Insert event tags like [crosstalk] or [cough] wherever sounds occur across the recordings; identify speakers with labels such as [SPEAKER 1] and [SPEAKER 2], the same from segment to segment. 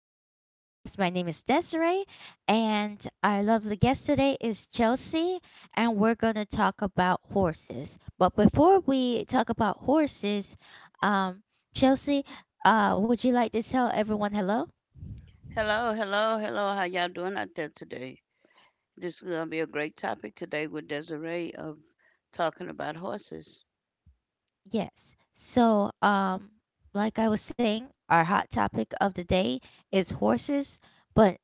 [SPEAKER 1] Sunshine's podcast. My name is Desiree, and our lovely guest today is Chelsea, and we're going to talk about horses. But before we talk about horses, um, Chelsea, would you like to tell everyone hello?
[SPEAKER 2] Hello, hello, hello. How y'all doing out there today? This is gonna be a great topic today with Desiree of talking about horses.
[SPEAKER 1] Yes. Like I was saying, our hot topic of the day is horses, but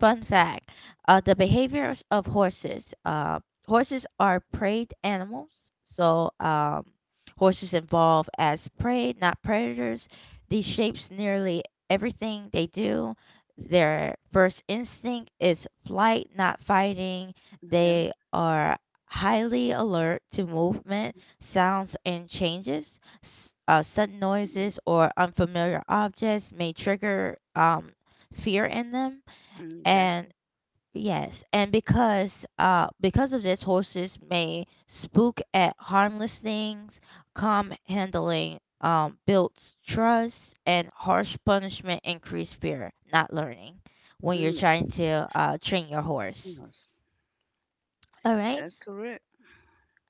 [SPEAKER 1] fun fact: the behaviors of horses. Horses are preyed animals, so horses evolve as prey, not predators. These shapes nearly everything they do. Their first instinct is flight, not fighting.
[SPEAKER 2] Yeah,
[SPEAKER 1] They are highly alert to movement, sounds, and changes. Sudden
[SPEAKER 2] mm,
[SPEAKER 1] noises or unfamiliar objects may trigger fear in them
[SPEAKER 2] mm, exactly.
[SPEAKER 1] and yes, and because of this horses may spook at harmless things. Calm handling builds trust, and harsh punishment increase fear, not learning, when you're
[SPEAKER 2] Mm,
[SPEAKER 1] trying to train your
[SPEAKER 2] yeah,
[SPEAKER 1] horse.
[SPEAKER 2] mm,
[SPEAKER 1] All right.
[SPEAKER 2] that's correct.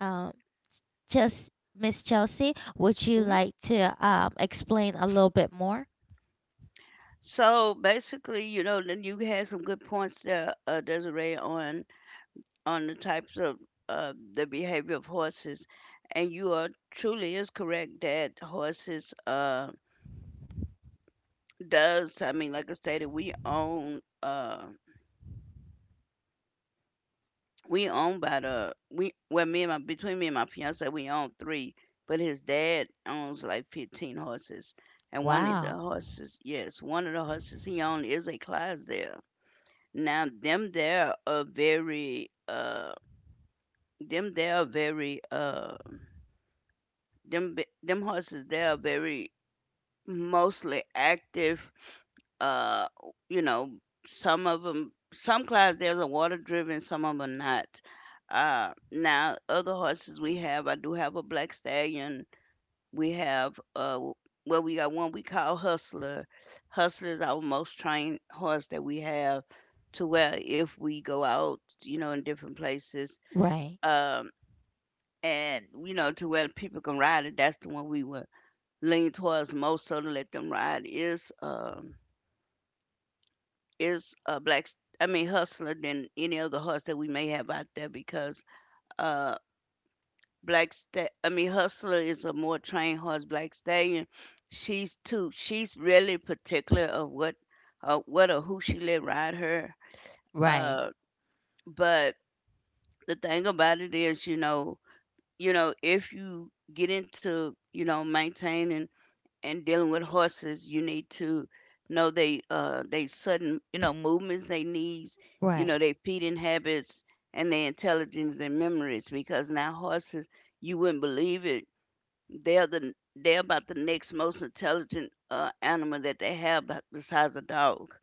[SPEAKER 1] um just, Miss Chelsea, would you
[SPEAKER 2] Mhm.
[SPEAKER 1] like to explain a little bit more?
[SPEAKER 2] So basically, you know, then you had some good points there, Desiree, on the types of the behavior of horses, and you are truly is correct that horses does I mean, like I stated, we own. We own by the we well me and my between me and my fiance we own 3, but his dad owns like 15 horses, and one of the
[SPEAKER 1] Wow.
[SPEAKER 2] horses, yes, one of the horses he owned is a Clydesdale. Now them there are very them they are very them horses they are very mostly active uh you know some of them some clouds there's a water driven some of them not now other horses we have I do have a black stallion we have well we got one we call Hustler. Hustler is our most trained horse that we have to where if we go out, you know, in different places.
[SPEAKER 1] Right,
[SPEAKER 2] um and you know to where people can ride it, that's the one we were lean towards more so to let them ride is a I mean Hustler than any other horse that we may have out there because uh I mean Hustler is a more trained horse. Black Stallion, she's too, she's really particular of what or who she let ride her.
[SPEAKER 1] right,
[SPEAKER 2] Uh but the thing about it is, you know, you know if you get into, you know, maintaining and dealing with horses, you need to know they sudden, you know, movements, they needs, you
[SPEAKER 1] right.
[SPEAKER 2] know, their feeding habits and their intelligence and memories. Because now horses, you wouldn't believe it, they're about the next most intelligent animal that they have besides a dog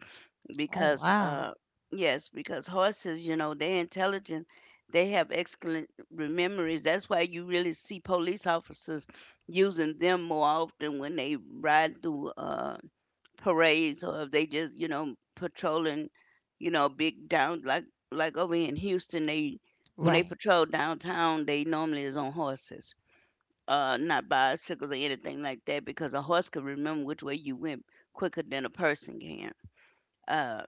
[SPEAKER 1] Oh,
[SPEAKER 2] because
[SPEAKER 1] wow.
[SPEAKER 2] yes because horses, you know, they're intelligent, they have excellent memories. That's why you really see police officers using them more often when they ride through parades or if they just, you know, patrolling, you know, big down like over here in Houston they when they
[SPEAKER 1] Right.
[SPEAKER 2] patrol downtown they normally is on horses, not bicycles or anything like that because a horse can remember which way you went quicker than a person can. uh,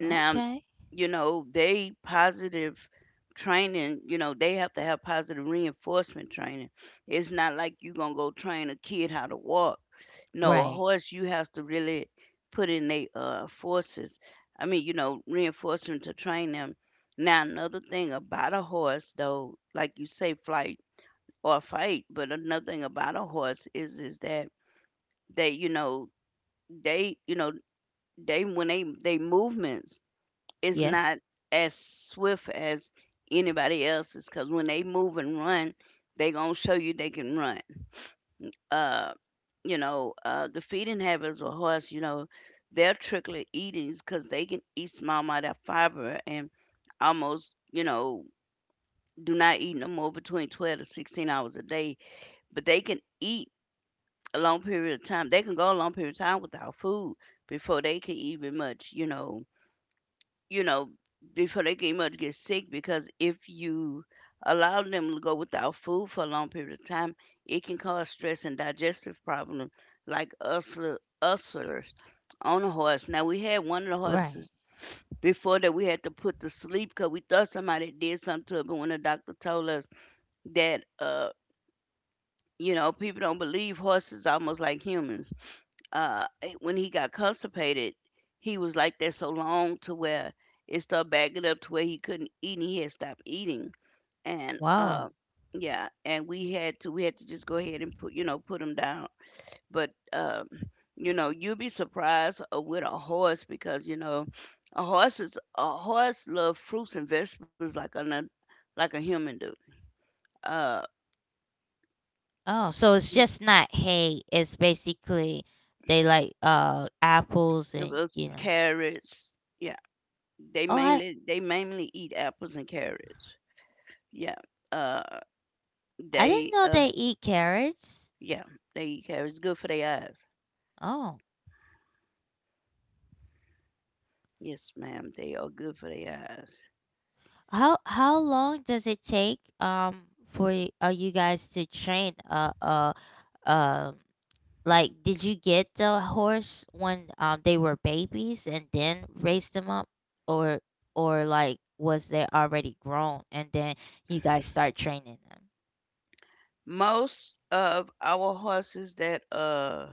[SPEAKER 2] now, you know, they positive training, you know, they have to have positive reinforcement training. It's not like you going to go train a kid how to walk. No, a
[SPEAKER 1] Right.
[SPEAKER 2] horse, you have to really put in their forces. I mean, you know, reinforcement to train them. Now, another thing about a horse, though, like you say, flight or fight, but another thing about a horse is that they, you know, they, you know, they when they movements is
[SPEAKER 1] Yes.
[SPEAKER 2] not as swift as anybody else's because when they move and run, they gonna show you they can run. Uh, you know, the feeding habits of horse, you know, they're trickly eatings because they can eat small amount of fiber and almost, you know, do not eat no more between 12 to 16 hours a day, but they can eat a long period of time. They can go a long period of time without food before they can even much, you know, before they can much get sick because if you allow them to go without food for a long period of time, it can cause stress and digestive problems like ulcers on a horse. Now we had one of the
[SPEAKER 1] Right.
[SPEAKER 2] horses before that we had to put to sleep because we thought somebody did something to it, but when the doctor told us that you know, people don't believe horses almost like humans. When he got constipated, he was like that so long to where it started backing up to where he couldn't eat and he had stopped eating. And
[SPEAKER 1] Wow.
[SPEAKER 2] yeah, and we had to just go ahead and put, you know, put him down. But you know, you'd be surprised with a horse because, you know, a horse love fruits and vegetables like a human do. Uh,
[SPEAKER 1] Oh, so it's
[SPEAKER 2] n-
[SPEAKER 1] just not hay. It's basically they like apples, and you know.
[SPEAKER 2] carrots. Yeah.
[SPEAKER 1] Oh,
[SPEAKER 2] They mainly eat apples and carrots. Yeah. Uh
[SPEAKER 1] I didn't
[SPEAKER 2] they
[SPEAKER 1] know they eat carrots.
[SPEAKER 2] yeah, they eat carrots, good for their eyes.
[SPEAKER 1] Oh,
[SPEAKER 2] Yes, ma'am, they are good for their eyes.
[SPEAKER 1] how long does it take for you guys to train um like, did you get the horse when they were babies and then raise them up, or or like was they already grown and then you guys start training them?
[SPEAKER 2] Most of our horses that uh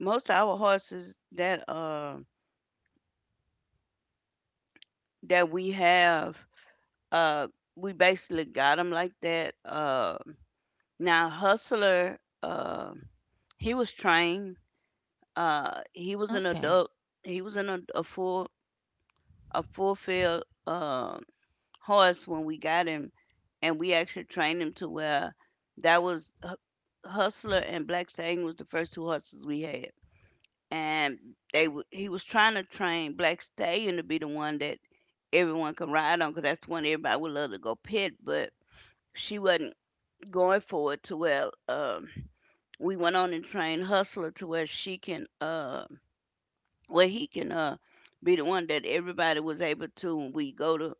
[SPEAKER 2] most of our horses that that we have uh we basically got them like that. Now Hustler uh he was trained, he was an
[SPEAKER 1] Okay,
[SPEAKER 2] adult, he was a full field horse when we got him, and we actually trained him to where that was Hustler and Black Stallion was the first 2 horses we had, and he was trying to train Black Stallion to be the one that everyone can ride on because that's the one everybody would love to go pit, but she wasn't going for it to where we went on and trained Hustler to where she can. Where he can be the one that everybody was able to when we go to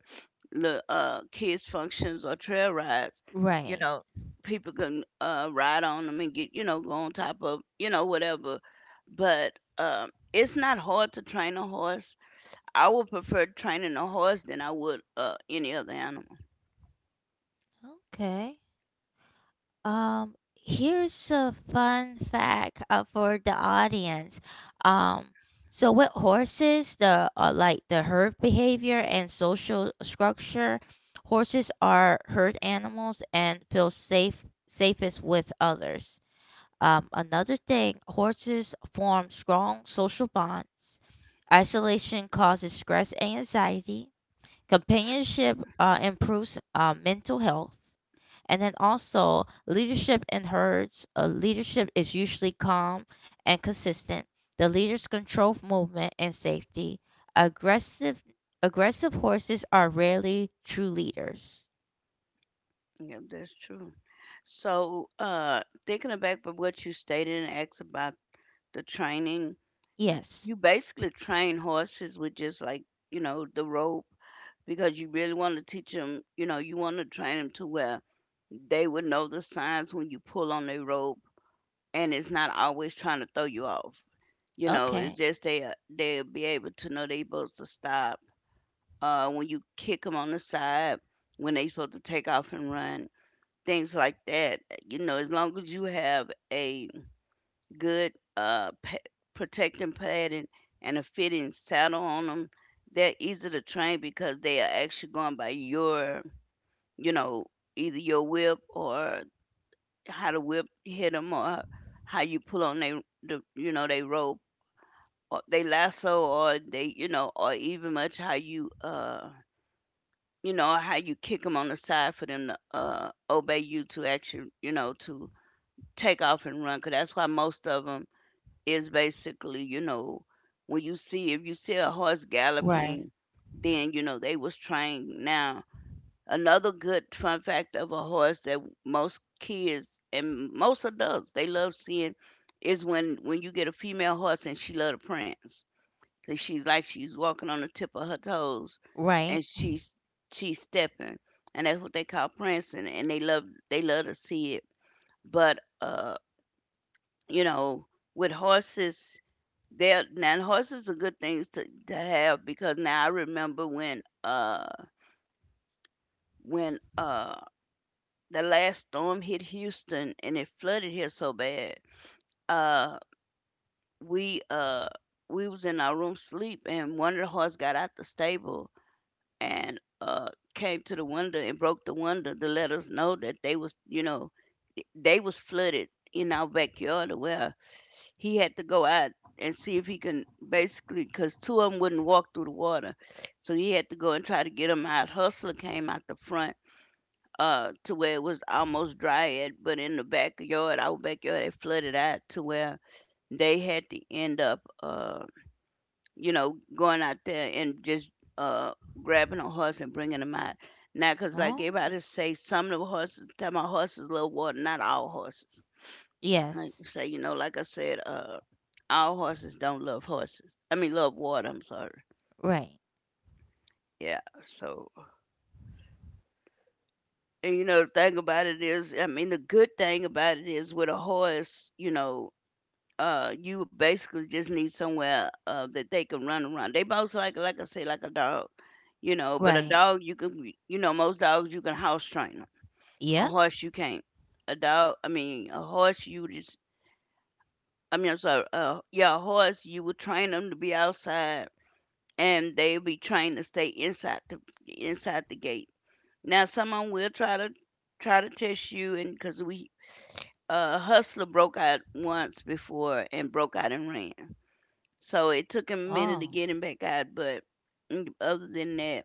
[SPEAKER 2] the kids functions or trail rides,
[SPEAKER 1] right.
[SPEAKER 2] people can ride on them and get, you know, go on top of, you know, whatever. But it's not hard to train a horse. I would prefer training a horse than I would any other animal.
[SPEAKER 1] Okay. Here's a fun fact for the audience. Um, so with horses, the like the herd behavior and social structure, horses are herd animals and feel safest with others. Another thing, horses form strong social bonds. Isolation causes stress and anxiety. Companionship improves mental health. And then also, leadership in herds. Leadership is usually calm and consistent. The leaders control movement and safety. Aggressive, aggressive horses are rarely true leaders.
[SPEAKER 2] Yeah, that's true. So thinking back of what you stated and asked about the training,
[SPEAKER 1] Yes.
[SPEAKER 2] you basically train horses with just like, you know, the rope because you really want to teach them, you know, you want to train them to where they would know the signs when you pull on their rope and it's not always trying to throw you off. You know, it's
[SPEAKER 1] Okay.
[SPEAKER 2] just they, they'll be able to know they supposed to stop, when you kick them on the side, when they supposed to take off and run, things like that. You know, as long as you have a good protecting padding and a fitting saddle on them, they're easy to train because they are actually going by your, you know, either your whip or how the whip hit them or how you pull on they the, you know, they rope or they lasso or they, you know, or even much how you you know how you kick them on the side for them to obey you to actually, you know, to take off and run. 'Cause that's why most of them is basically, you know, when you see if you see a horse
[SPEAKER 1] Right.
[SPEAKER 2] galloping then you know they was trained. Now another good fun fact of a horse that most kids and most adults they love seeing is when you get a female horse and she love to prance. 'Cause she's like she's walking on the tip of her toes
[SPEAKER 1] Right.
[SPEAKER 2] and she's stepping. And that's what they call prancing, and they love to see it. But you know, with horses they're now horses are good things to have because now I remember when when uh the last storm hit Houston and it flooded here so bad. Uh, we uh we was in our room sleep and one of the horses got out the stable and came to the window and broke the window to let us know that they was, you know, they was flooded in our backyard where he had to go out and see if he can, basically because 2 of them wouldn't walk through the water, so he had to go and try to get them out. Hustler came out the front, to where it was almost dry. But in the backyard, our backyard, it flooded out to where they had to end up, you know, going out there and just uh, grabbing a horse and bringing them out. Now, 'cause like
[SPEAKER 1] Oh.
[SPEAKER 2] everybody say, some of the horses, tell my horses love water, not all horses. Like
[SPEAKER 1] Yes.
[SPEAKER 2] I say, you know, like I said, all horses don't love horses. I mean, love water. I'm sorry.
[SPEAKER 1] Right.
[SPEAKER 2] Yeah. So, and you know, the thing about it is, I mean, the good thing about it is with a horse, you know, you basically just need somewhere that they can run around. They both like I say, like a dog, you know. But a
[SPEAKER 1] Right.
[SPEAKER 2] dog, you can, you know, most dogs you can house train them. A
[SPEAKER 1] Yep.
[SPEAKER 2] horse, you can't. A dog, a horse, you just, I mean, I'm sorry, yeah, a horse, you would train them to be outside, and they'll be trained to stay inside the gate. Now, someone will try to test you, and a hustler broke out once before and broke out and ran. So it took him a minute to
[SPEAKER 1] Oh.
[SPEAKER 2] get him back out, but other than that,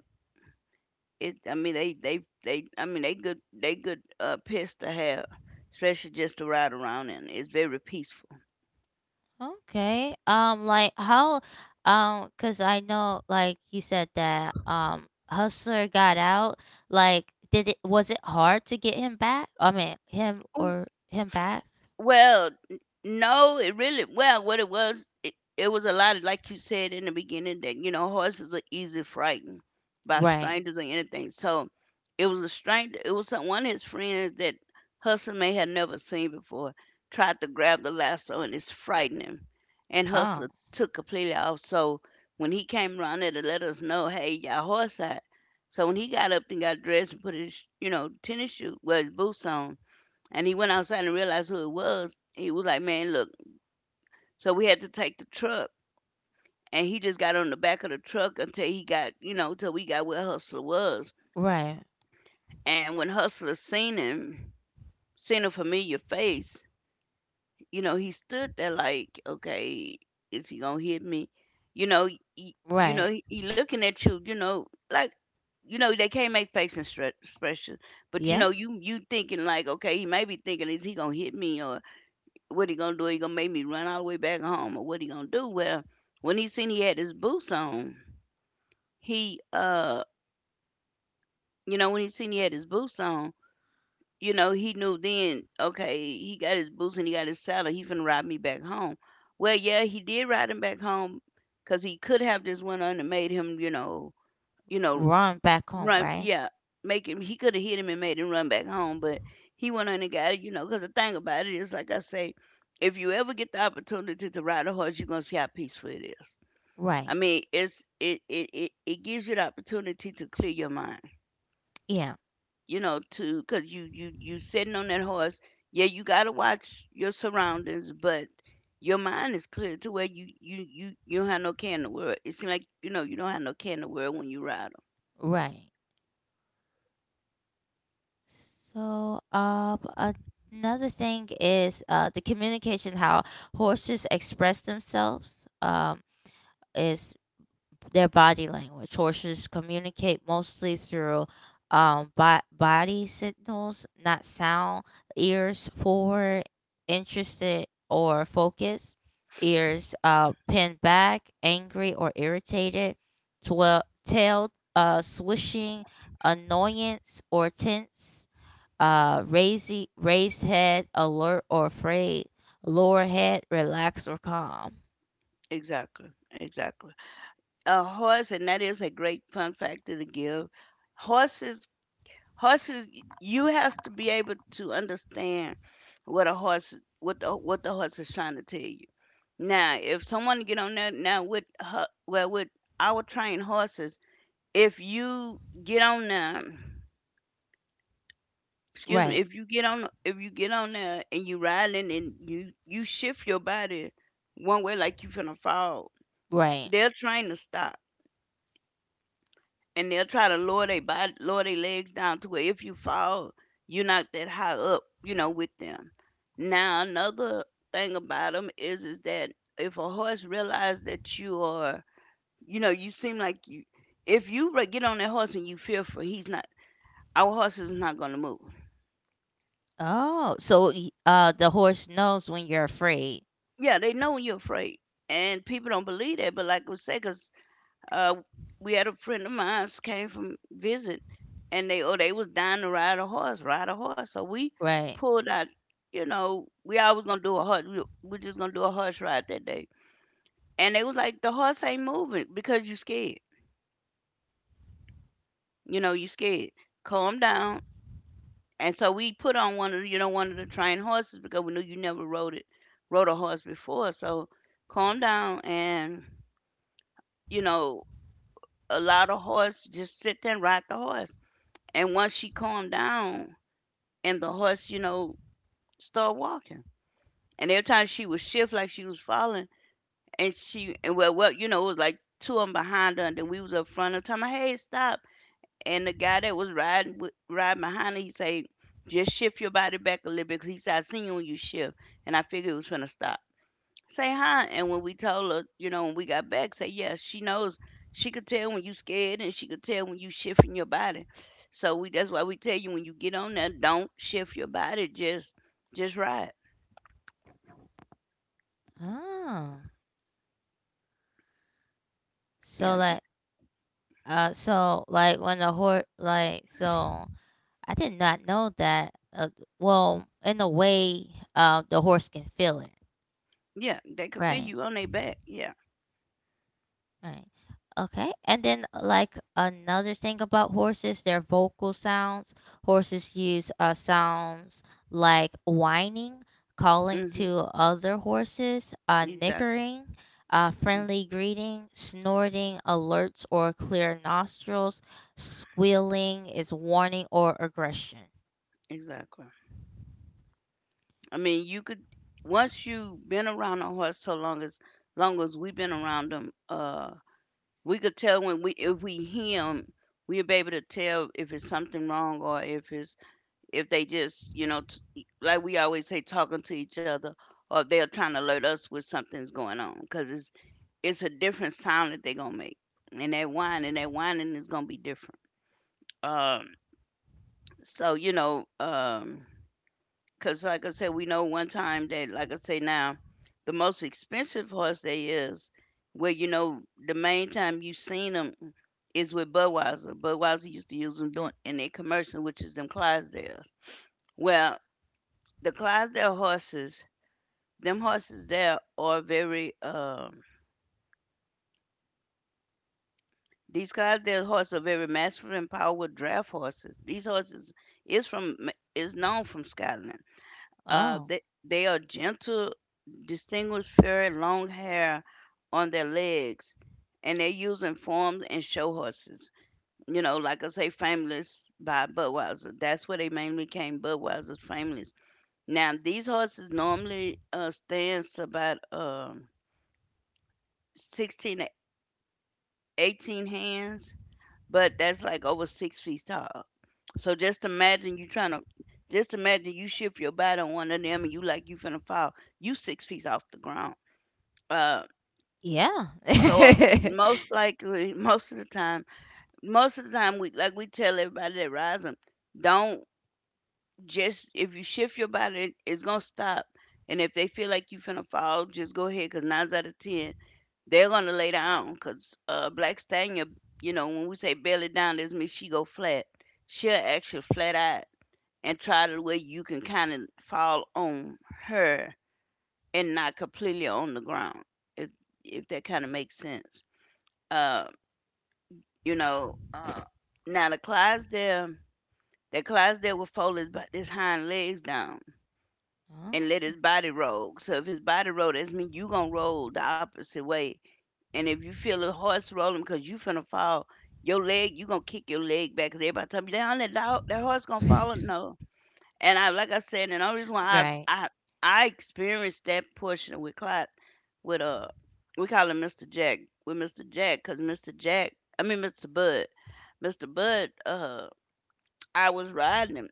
[SPEAKER 2] it I mean they I mean they good pets to have, especially just to ride around in. It's very peaceful.
[SPEAKER 1] Okay. Like how, cause I know, like you said that, Hustler got out. Like, did it? Was it hard to get him back? I mean, him or him back?
[SPEAKER 2] Well, n- no, it really, what it was, it was a lot of like you said in the beginning that you know horses are easily frightened by
[SPEAKER 1] Right.
[SPEAKER 2] strangers or anything. So it was a stranger. One of his friends that Hudson may have never seen before tried to grab the lasso and it's frightened him, and Hustler
[SPEAKER 1] Oh,
[SPEAKER 2] took completely off. So when he came around there to let us know, hey, y'all horse out. So when he got up and got dressed and put his, tennis shoe, well, his boots on, and he went outside and realized who it was. He was like, man, look. So we had to take the truck. And he just got on the back of the truck until he got, until we got where Hustler was.
[SPEAKER 1] right,
[SPEAKER 2] And when Hustler seen him, seen a familiar face, you know, he stood there like, okay, is he gonna hit me? You know, you know,
[SPEAKER 1] right.
[SPEAKER 2] he looking at you, you know, like, you know, they can't make facial expressions, but you
[SPEAKER 1] Yeah.
[SPEAKER 2] know, you thinking like, okay, he may be thinking, is he gonna hit me or what he gonna do? He gonna make me run all the way back home, or what he gonna do? Well, when he seen he had his boots on, he uh, when he seen he had his boots on, you know, he knew then. Okay, he got his boots and he got his saddle. He finna ride me back home. Well, yeah, he did ride him back home, cause he could have just went on and made him, you know,
[SPEAKER 1] Run back home.
[SPEAKER 2] run.
[SPEAKER 1] Right.
[SPEAKER 2] Yeah, make him he coulda hit him and made him run back home, but he went on and got it, you know. Cause the thing about it is, like I say, if you ever get the opportunity to ride a horse, you're gonna see how peaceful it is. I
[SPEAKER 1] Right.
[SPEAKER 2] mean, it's it it it, it gives you the opportunity to clear your mind,
[SPEAKER 1] Yeah.
[SPEAKER 2] you know, to cause you sitting on that horse. Yeah, you gotta watch your surroundings, but your mind is clear to where you don't have no care in the world. It seems like you know you don't have no care in the world when you ride 'em.
[SPEAKER 1] Right. So, another thing is, the communication how horses express themselves. Is their body language. Horses communicate mostly through body signals, not sound. Ears forward, interested or focused. Ears pinned back, angry or irritated. Tail swishing, annoyance or tense. Raised head, alert or afraid. Lower head, relaxed or calm.
[SPEAKER 2] Exactly, exactly. A horse, and that is a great fun factor to give. Horses, horses, you have to be able to understand what a horse, what the horse is trying to tell you. Now, if someone get on there now with our trained horses, if you get on there, excuse me,
[SPEAKER 1] Right,
[SPEAKER 2] if you get on, if you get on there and you riding and you shift your body one way like you finna fall,
[SPEAKER 1] right.
[SPEAKER 2] they're trying to stop and they'll try to lower they body, lower their legs down to where if you fall, you're not that high up, you know, with them. Now another thing about them is that if a horse realizes that you are, you know, you seem like you, if you re- get on that horse and you fearful, he's not. Our horse is not going to move.
[SPEAKER 1] Oh, so the horse knows when you're afraid,
[SPEAKER 2] Yeah, they know you're afraid, and people don't believe that. But like we say, 'cause uh, we had a friend of mine came from visit, and they was dying to ride a horse. So we
[SPEAKER 1] right?
[SPEAKER 2] pulled out, you know, we always gonna do a horse. We just gonna do a horse ride that day. And they was like, the horse ain't moving because you scared. You know, you scared. Calm down. And so we put on one of the, one of the trained horses because we knew you never rode a horse before. So calm down and you know allow the horse just sit there and ride the horse. And once she calmed down and the horse, you know, started walking. And every time she would shift like she was falling, and she and well, well, you know, it was like two of them behind her, and then we was up front of time. Hey, stop! And the guy that was riding behind her, he said, "Just shift your body back a little bit," 'cause he said, "I seen you when you shift," and I figured it was gonna stop. Say hi. And when we told her, you know, when we got back, say, yes. She knows. She could tell when you scared and she could tell when you shifting your body. So we that's why we tell you when you get on there, don't shift your body. Just ride.
[SPEAKER 1] Oh, so
[SPEAKER 2] Yeah,
[SPEAKER 1] like
[SPEAKER 2] just,
[SPEAKER 1] when the horse like so I did not know that. Well, in a way, the horse can feel it,
[SPEAKER 2] yeah. They could feel
[SPEAKER 1] right?
[SPEAKER 2] you on their back. Yeah.
[SPEAKER 1] Right. Okay. And then, like another thing about horses, their vocal sounds. Horses use sounds like whining, calling
[SPEAKER 2] Hmm.
[SPEAKER 1] to other horses,
[SPEAKER 2] Exactly.
[SPEAKER 1] nickering,
[SPEAKER 2] Mm.
[SPEAKER 1] friendly greeting, snorting, alerts or clear nostrils, squealing is warning or aggression.
[SPEAKER 2] Exactly. I mean, you could once you've been around a horse so long as we've been around them, we could tell when we if we hear 'em, we'll be able to tell if it's something wrong or if it's if they just, you know, like we always say, talking to each other, or if they're trying to alert us with something's going on, because it's a different sound that they're gonna make, and that whining is gonna be different. Um, so you know, um, because like I said, we know one time that, like I say now, the most expensive horse they is, where you know the main time you seen them is with Budweiser. Budweiser used to use them doing in their commercial, which is them Clydesdales. Well, the Clydesdale horses, them horses there are very these Clydesdale horses are very masculine, powerful draft horses. These horses is from is known from Scotland.
[SPEAKER 1] Oh,
[SPEAKER 2] They are gentle, distinguished, fair, long hair on their legs, and they're using forms and show horses. You know, like I say, Fameless by Budweiser. That's where they mainly came. Budweiser's Fameless. Now these horses normally stands about. 16 to 18 hands, but that's like over 6 feet tall. So just imagine you trying to, just imagine you shift your body on one of them and you like you finna fall. You 6 feet off the ground. Uh,
[SPEAKER 1] yeah.
[SPEAKER 2] so
[SPEAKER 1] [laughs]
[SPEAKER 2] most likely, [laughs] most of the time we like we tell everybody that rising, don't just if you shift your body, it's gonna stop. And if they feel like you finna fall, just go ahead. Cause nine out of ten, they're gonna lay down, 'cause, Black Stallion, you know, when we say belly down, this means she go flat. She'll ask flat out and try to where you can kinda fall on her and not completely on the ground, if if that kinda makes sense. Uh, you know, uh, now the Clydesdale will fold his hind legs down and let his
[SPEAKER 1] Oh.
[SPEAKER 2] body roll. So if his body roll, that means you gonna roll the opposite way. And if you feel the horse rolling because you finna fall, you gonna kick your leg back. Cause everybody tell me, down that dog, that horse gonna fall.
[SPEAKER 1] [laughs]
[SPEAKER 2] No. And I, like I said, and the only reason why
[SPEAKER 1] Right,
[SPEAKER 2] I experienced that portion with Clyde, with we call him Mr. Jack, with Mr. Jack, cause Mr. Jack, I mean Mr. Bud, Mr. Bud, uh, I was riding him,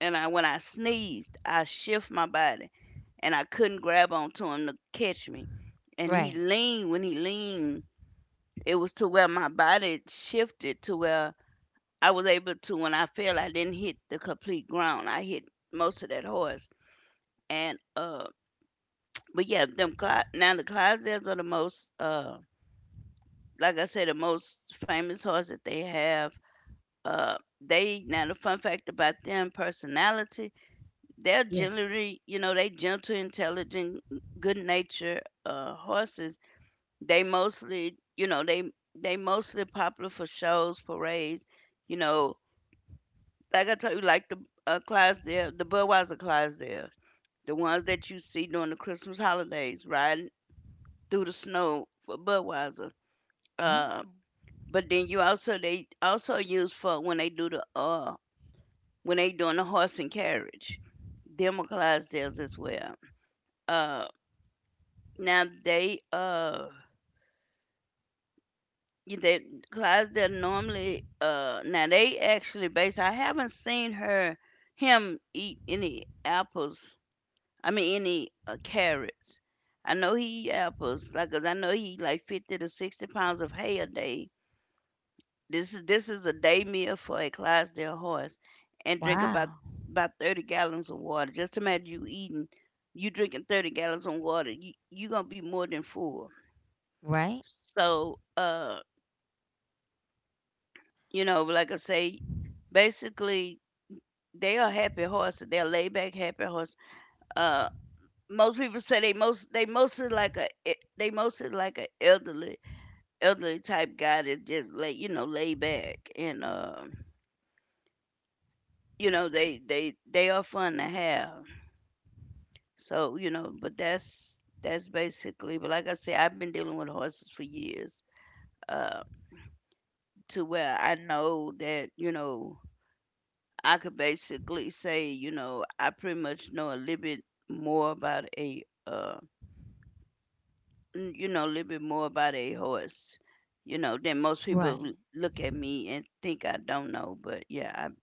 [SPEAKER 2] and I when I sneezed, I shift my body, and I couldn't grab onto him to catch me, and he
[SPEAKER 1] right.
[SPEAKER 2] leaned when he leaned it was to where my body shifted to where I was able to when I fell, I didn't hit the complete ground. I hit most of that horse. And but yeah, now the Clydesdales are the most like I said, the most famous horse that they have. They now the fun fact about them personality, they're
[SPEAKER 1] Yes.
[SPEAKER 2] generally, you know, they gentle, intelligent, good natured horses. They mostly you know, they mostly popular for shows, parades, you know, like I told you, like the class there, the Budweiser class there, the ones that you see during the Christmas holidays, riding through the snow for Budweiser. Uh,
[SPEAKER 1] Oh,
[SPEAKER 2] but then you also they also use for when they do the when they doing the horse and carriage. Them are Clydesdales as well. Uh, now they you- they Clydesdale normally now they actually based. I haven't seen her him eat any apples. Any carrots. I know he eat apples, like 'cause I know he eat like 50 to 60 pounds of hay a day. This is a day meal for a Clydesdale horse, and drink about
[SPEAKER 1] wow.
[SPEAKER 2] about 30 gallons of water. Just imagine you eating, you drinking 30 gallons of water. You gonna be more than full.
[SPEAKER 1] Right.
[SPEAKER 2] So, uh, like I say, basically they are happy horses. They're laid back happy horses. Uh. Most people say they most they mostly like they mostly like a elderly type guy that's just lay, lay back, and they are fun to have. So, you know but that's basically, but like I say, I've been dealing with horses for years, uh, to where I know that, I could basically say, I pretty much know a little bit more about a a little bit more about a horse, than most people
[SPEAKER 1] Right.
[SPEAKER 2] look at me and think I don't know. But yeah,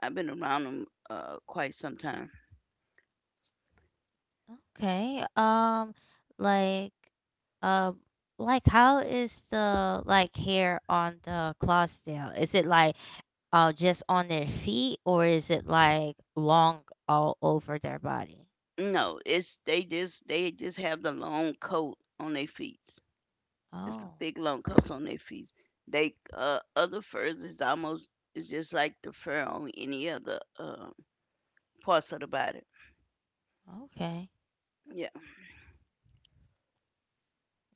[SPEAKER 2] I've been around them quite some time.
[SPEAKER 1] Okay. Like, um, like how is the like hair on the Clydesdale? Is it like just on their feet, or is it like long all over their body?
[SPEAKER 2] No, it's they just have the long coat on their feet. It's the
[SPEAKER 1] Oh,
[SPEAKER 2] thick long coats on their feet. They, other furs is almost, it's just like the fur on any other parts of the body.
[SPEAKER 1] okay.
[SPEAKER 2] Yeah,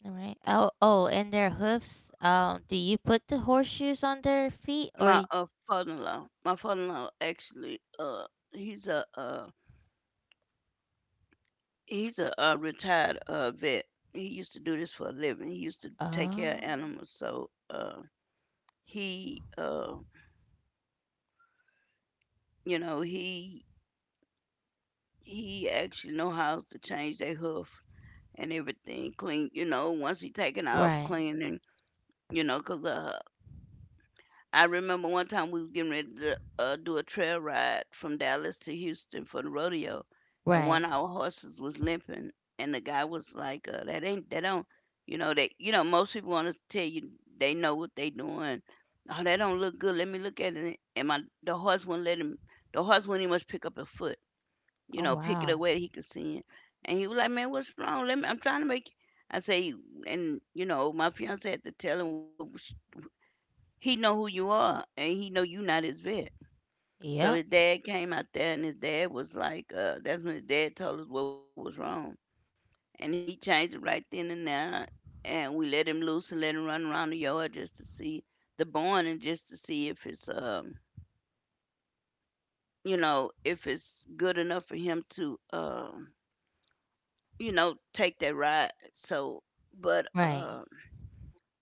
[SPEAKER 1] All right. Oh, oh, and their hoofs. Do you put the horseshoes on their feet, or?
[SPEAKER 2] my
[SPEAKER 1] Y-
[SPEAKER 2] father-in-law, my father-in-law actually, he's a, a He's a retired vet. He used to do this for a living. He used to take care of
[SPEAKER 1] oh,
[SPEAKER 2] animals. So he, uh, you know, he he actually know how to change their hoof and everything clean. You know, once he taken off
[SPEAKER 1] right,
[SPEAKER 2] cleaning, 'cause the I remember one time we was getting ready to do a trail ride from Dallas to Houston for the rodeo, and one
[SPEAKER 1] right.
[SPEAKER 2] of our horses was limping, and the guy was like, "That ain't that don't, you know they, you know most people want to tell you they know what they doing. Oh, that don't look good. Let me look at it." And my the horse wouldn't let him. The horse wouldn't even much pick up a foot, you
[SPEAKER 1] Oh,
[SPEAKER 2] know, pick it up
[SPEAKER 1] wow.
[SPEAKER 2] where he could see it. And he was like, "Man, what's wrong? Let me. I'm trying to make." I say, and you know, my fiance had to tell him, well, he know who you are, and he know you not his vet. So
[SPEAKER 1] Yep.
[SPEAKER 2] his dad came out there, and his dad was like, that's when his dad told us what was wrong, and he changed it right then and there, and we let him loose and let him run around the yard just to see the barn and just to see if it's if it's good enough for him to take that ride. So, but
[SPEAKER 1] Right,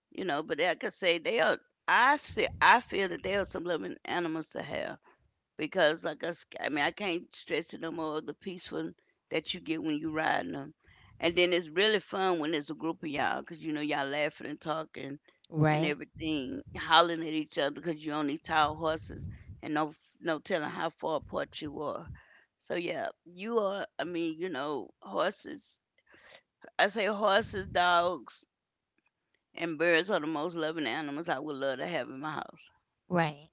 [SPEAKER 2] but like I say, they are. I see. I feel that they are some loving animals to have, because I mean, I can't stress it no more, the peaceful that you get when you riding them, and then it's really fun when it's a group of you, 'cause you know y'all laughing and talking and
[SPEAKER 1] right,
[SPEAKER 2] everything, hollering at each other, because you on these tall horses and no no telling how far apart you are. So yeah, you are. I mean, you know horses. I say horses, dogs, and birds are the most loving animals I would love to have in my house
[SPEAKER 1] right.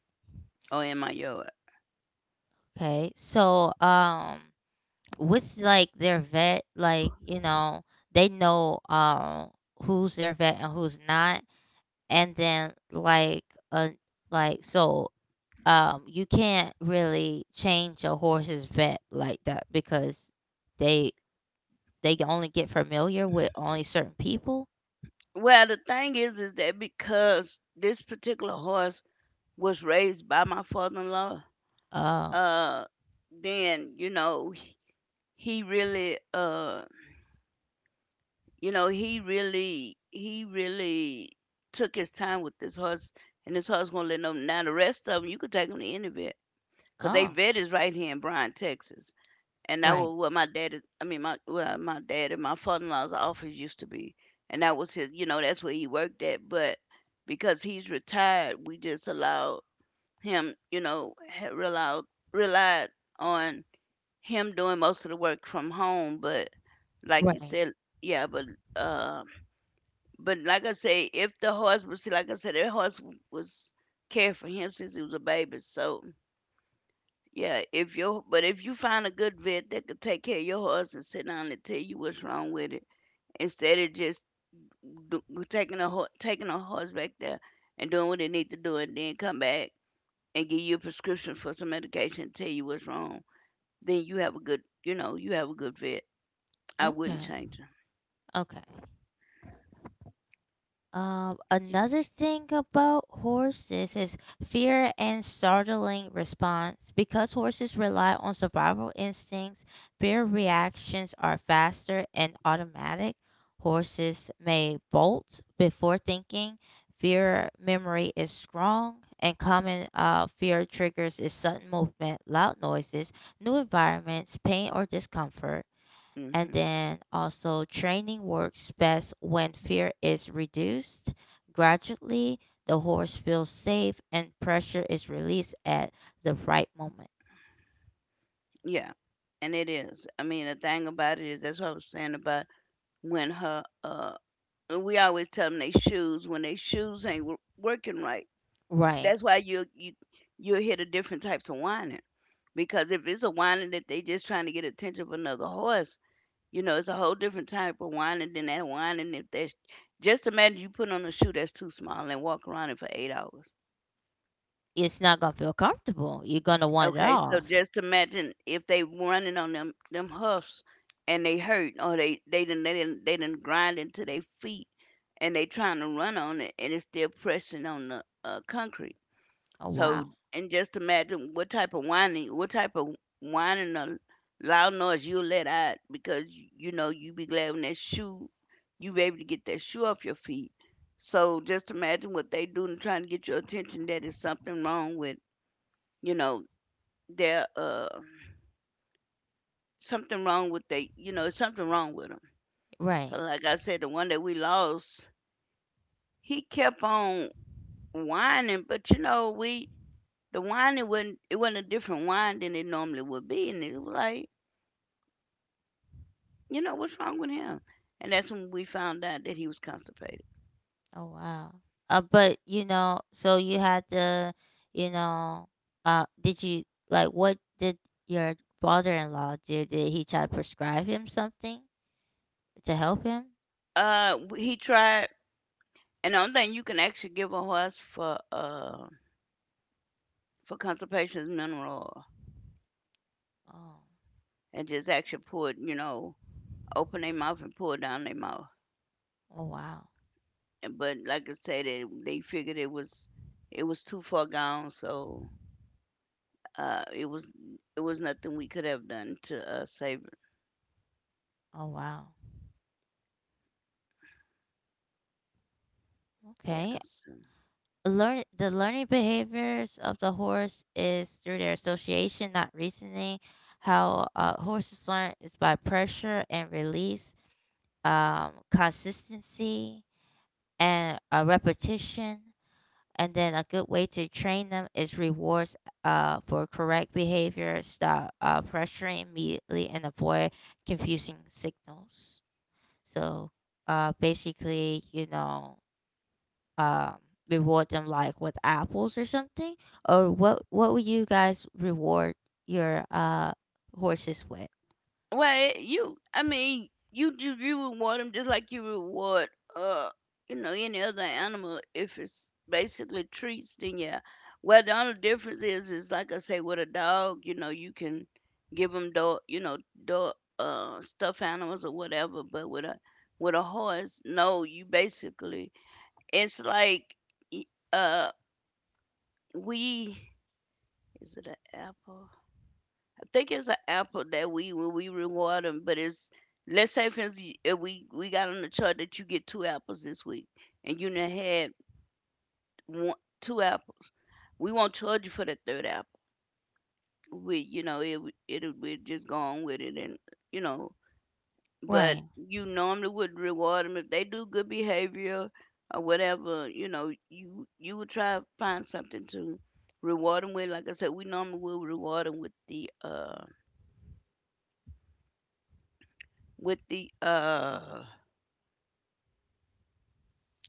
[SPEAKER 2] or in my yard.
[SPEAKER 1] Okay. So, what's like their vet? Like, you know, they know who's their vet and who's not. And then uh like so you can't really change a horse's vet like that because they they can only get familiar with only certain people.
[SPEAKER 2] Well, the thing is that because this particular horse was raised by my father-in-law,
[SPEAKER 1] Oh,
[SPEAKER 2] uh, then you know he he really, uh, he really took his time with this horse, and this horse gonna let him. Now the rest of them, you could take them to any vet, cause they
[SPEAKER 1] oh,
[SPEAKER 2] vet is right here in Bryan, Texas. And that
[SPEAKER 1] right,
[SPEAKER 2] was what my dad. I mean, my, well, my dad and my father-in-law's office used to be, and that was his. You know, that's where he worked at. But because he's retired, we just allowed him. You know, relied on him doing most of the work from home. But like you
[SPEAKER 1] right.
[SPEAKER 2] said, yeah, uh, but like I say, if the horse, but see, like I said, the horse was cared for him since he was a baby, so yeah, if your but if you find a good vet that could take care of your horse and sit down and tell you what's wrong with it, instead of just do, taking a horse back there and doing what it need to do, and then come back and give you a prescription for some medication, and tell you what's wrong, then you have a good, you know, you have a good vet. I wouldn't
[SPEAKER 1] Okay,
[SPEAKER 2] change
[SPEAKER 1] okay. Another thing about horses is fear and startling response. Because horses rely on survival instincts, their reactions are faster and automatic. Horses may bolt before thinking. Fear memory is strong, and common fear triggers is sudden movement, loud noises, new environments, pain, or discomfort.
[SPEAKER 2] them.
[SPEAKER 1] And
[SPEAKER 2] Hmm.
[SPEAKER 1] then also, training works best when fear is reduced. Gradually, the horse feels safe and pressure is released at the right moment.
[SPEAKER 2] Yeah, and it is. I mean, the thing about it is that's what I was saying about when her. We always tell them they shoes when they shoes ain't working right.
[SPEAKER 1] Right.
[SPEAKER 2] That's why you you'll hear the different types of whining, because if it's a whining that they just trying to get attention of another horse, you know it's a whole different type of whining than that whining. If that's, just imagine you put on a shoe that's too small and walk around it for 8 hours.
[SPEAKER 1] It's not going to feel comfortable. You're going to want it
[SPEAKER 2] Okay, so
[SPEAKER 1] off.
[SPEAKER 2] just imagine if they running on them hoofs and they hurt, or they didn't grind into their feet, and they trying to run on it and it's still pressing on the concrete.
[SPEAKER 1] Oh,
[SPEAKER 2] So,
[SPEAKER 1] wow.
[SPEAKER 2] and just imagine what type of whining, what type of whining or loud noise you'll let out, because you know you be glad when that shoe, you be able to get that shoe off your feet. So just imagine what they do and trying to get your attention that is something wrong with, you know, their something wrong with they, you know, something wrong with them.
[SPEAKER 1] Right.
[SPEAKER 2] Like I said, the one that we lost, he kept on whining, but you know we, the wine, it wasn't a different wine than it normally would be, and it was like, you know, what's wrong with him? And that's when we found out that he was constipated.
[SPEAKER 1] Oh, wow. But, you know, so you had to, you know, did you, like, what did your father in law do? Did he try to prescribe him something to help him?
[SPEAKER 2] Uh, he tried, and the only thing you can actually give a horse for constipation is mineral oil,
[SPEAKER 1] Oh,
[SPEAKER 2] and just actually pour it, you know, open their mouth and pour it down their mouth.
[SPEAKER 1] oh, wow.
[SPEAKER 2] And- But like I said, they figured it was, it was too far gone, so it was, it was nothing we could have done to save it.
[SPEAKER 1] Oh wow.
[SPEAKER 2] Yeah.
[SPEAKER 1] Okay. Learning behaviors of the horse is through their association, not reasoning. How horses learn is by pressure and release, consistency and repetition. And then a good way to train them is rewards for correct behavior. Stop pressuring immediately and avoid confusing signals. So basically, um reward them like with apples or something? Or what would you guys reward your horses with?
[SPEAKER 2] Well, you, I mean, you reward them just like you reward, uh, you know, any other animal if it's basically treats. Then yeah. Well, the only difference is like I say, with a dog, you know, you can give them dog stuffed animals or whatever. But with a horse, no, you basically, it's like, y- uh, we, is it an apple? Think it's an apple that we when we reward them, but it's, let's say for instance if we got on the chart that you get two apples this week and you done had one two apples, we won't charge you for the third apple. We you know it we just go on with it, and you know, but
[SPEAKER 1] Right,
[SPEAKER 2] you normally would reward them if they do good behavior or whatever. You know you would try to find something to reward them with. Like I said, we normally will reward them with the with the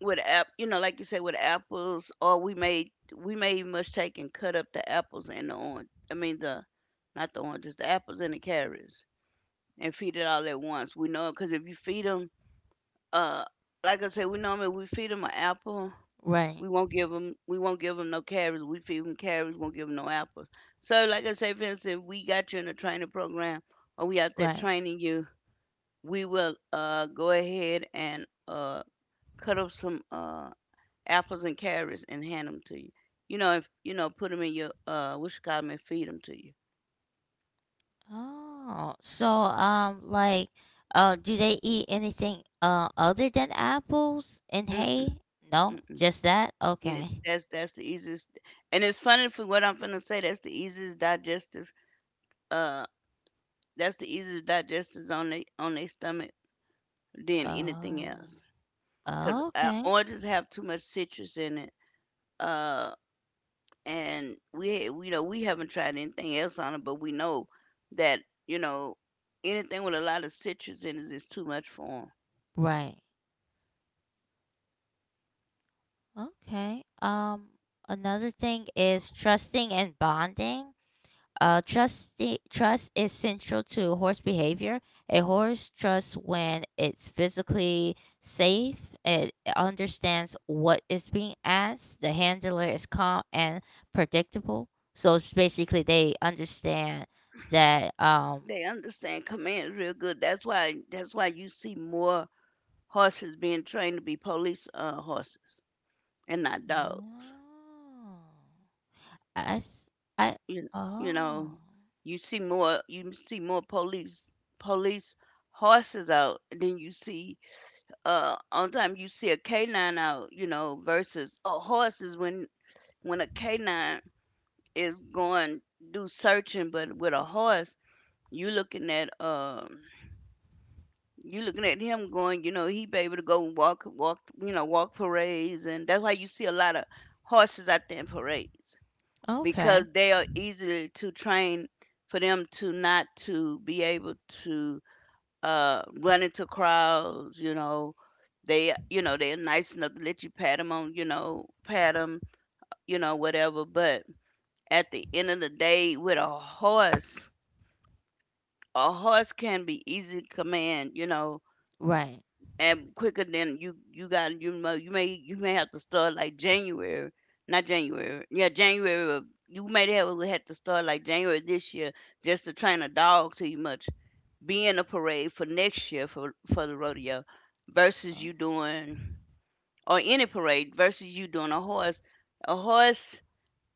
[SPEAKER 2] with app you know, like you say, with apples. Or we may must take and cut up the apples and the orange. I mean the, not the oranges, the apples and the carrots, and feed it all at once. We know because if you feed them, uh, like I said, we normally we feed them an apple.
[SPEAKER 1] right,
[SPEAKER 2] We won't give them no carrots. We feed them carrots. Won't give them no apples. So, like I say, for instance, we got you in a training program, or we out there
[SPEAKER 1] right.
[SPEAKER 2] training you. We will go ahead and cut up some apples and carrots and hand them to you. You know, if you know, put them in your, what you call them and feed 'em to you.
[SPEAKER 1] Oh, so like do they eat anything other than apples and
[SPEAKER 2] Mm-mm,
[SPEAKER 1] hay? No,
[SPEAKER 2] mm-mm.
[SPEAKER 1] just that?
[SPEAKER 2] And it,
[SPEAKER 1] Okay.
[SPEAKER 2] that's the easiest. And it's funny for what I'm finna say. That's the easiest digestive. Uh, that's the easiest digestives on they on their stomach than anything
[SPEAKER 1] Oh.
[SPEAKER 2] else. Cause
[SPEAKER 1] Okay.
[SPEAKER 2] oranges have too much citrus in it. Uh, and we know we haven't tried anything else on it, but we know that, you know, anything with a lot of citrus in it is too much for 'em.
[SPEAKER 1] Right. Okay. Um, another thing is trusting and bonding. Uh, trust trust is central to horse behavior. A horse trusts when it's physically safe. It understands what is being asked. The handler is calm and predictable. So it's basically, they understand that.
[SPEAKER 2] They understand commands real good. That's why you see more horses being trained to be police horses and not dogs.
[SPEAKER 1] Oh, I, s- I-
[SPEAKER 2] You you
[SPEAKER 1] oh,
[SPEAKER 2] know, you see more police horses out than you see on time you see a canine out, you know, versus a horses when a canine is going do searching, but with a horse you looking at, you looking at him going, you know, he be able to go walk, walk, you know, walk parades, and that's why you see a lot of horses out there in parades because
[SPEAKER 1] okay.
[SPEAKER 2] they are easily to train for them to not to be able to run into crowds. You know, they, you know, they're nice enough to let you pat them on, you know, pat them, you know, whatever. But at the end of the day, with a horse can be easy to command, you know,
[SPEAKER 1] Right.
[SPEAKER 2] and quicker than you got, you know, you may have to start like January, not January, yeah January. Of, you may have we had to start like January this year just to train a dog to you much be in a parade for next year for the rodeo, versus you
[SPEAKER 1] Oh.
[SPEAKER 2] doing or any parade versus you doing a horse, a horse,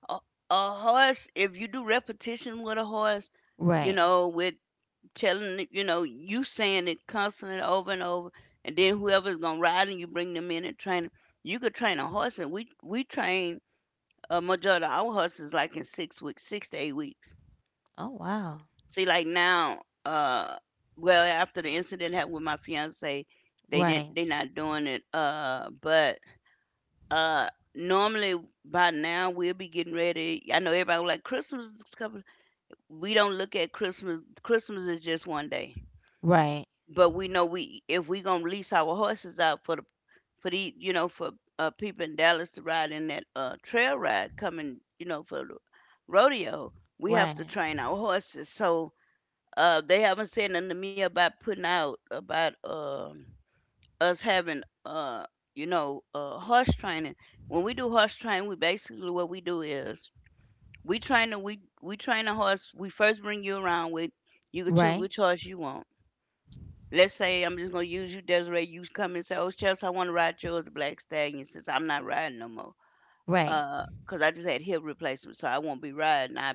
[SPEAKER 2] a, a horse. If you do repetition with a horse, you
[SPEAKER 1] Right.
[SPEAKER 2] know, with telling, you know, you saying it constantly over and over, and then whoever's gonna ride and you bring them in and train 'em. You could train a horse, and we train a majority of our horses like in 6 weeks, 6 to 8 weeks.
[SPEAKER 1] Oh wow,
[SPEAKER 2] See, like now, uh well, after the incident happened with my fiance,
[SPEAKER 1] right,
[SPEAKER 2] they not doing it, but uh normally by now we'll be getting ready. I know everybody was like, Christmas is coming. We don't look at Christmas. Christmas is just one day.
[SPEAKER 1] right,
[SPEAKER 2] But we know we, if we gonna lease our horses out for the, for the, you know, for people in Dallas to ride in that trail ride coming, you know, for the rodeo, we have to
[SPEAKER 1] right,
[SPEAKER 2] train our horses. So they haven't said nothing to me about putting out about, us having, you know, horse training. When we do horse training, we basically what we do is we train the, we train a horse. We first bring you around with, you can choose
[SPEAKER 1] right,
[SPEAKER 2] which horse you want. Let's say I'm just gonna use you, Desiree. You come and say, "Oh, Chelsea, I want to ride yours, the Black Stallion," since I'm not riding no more.
[SPEAKER 1] right.
[SPEAKER 2] 'Cause I just had hip replacement, so I won't be riding. I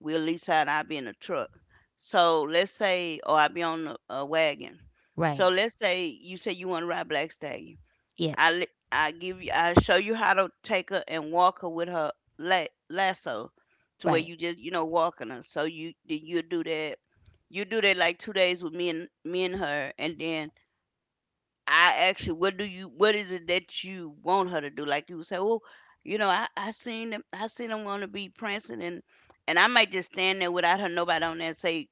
[SPEAKER 2] will lease out, and I'll be in a truck. So let's say, or I'll be on a wagon. So
[SPEAKER 1] Right.
[SPEAKER 2] let's say you want to ride Black Stallion.
[SPEAKER 1] Yes.
[SPEAKER 2] I give you. I show you how to take her and walk her with her lasso, to where
[SPEAKER 1] Right.
[SPEAKER 2] you just, you know, walking her. So you do that. You do that like 2 days with me and me and her, and then I asked you, what do you, what is it that you want her to do? Like you say, well, you know, I seen them, I seen them wanna be prancing, and I might just stand there without her, nobody on there, and say,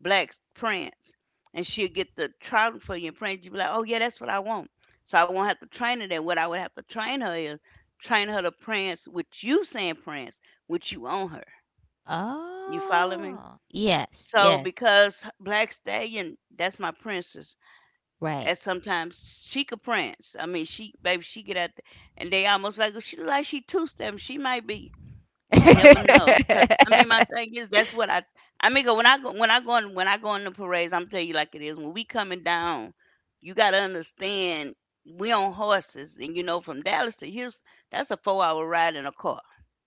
[SPEAKER 2] Black Prince, and she'll get the trouting for you, and Prince, you be like, oh yeah, that's what I want. So I won't have to train her. That what I would have to train her is train her to prance with you saying prance, with you on her. You follow me?
[SPEAKER 1] Oh. Yes.
[SPEAKER 2] So
[SPEAKER 1] Yes.
[SPEAKER 2] because Black Stallion, that's my princess, and
[SPEAKER 1] Right.
[SPEAKER 2] sometimes she could prance. I mean, she baby, she get out there, and they almost like she look like she two-stepping. She might be. Never know. Cause I mean, my
[SPEAKER 1] [laughs]
[SPEAKER 2] thing is that's what I mean, 'cause when I go, when I go in the parades, I'm tell you like it is. When we coming down, you gotta understand we on horses, and you know, from Dallas to Houston, that's a 4-hour ride in a car.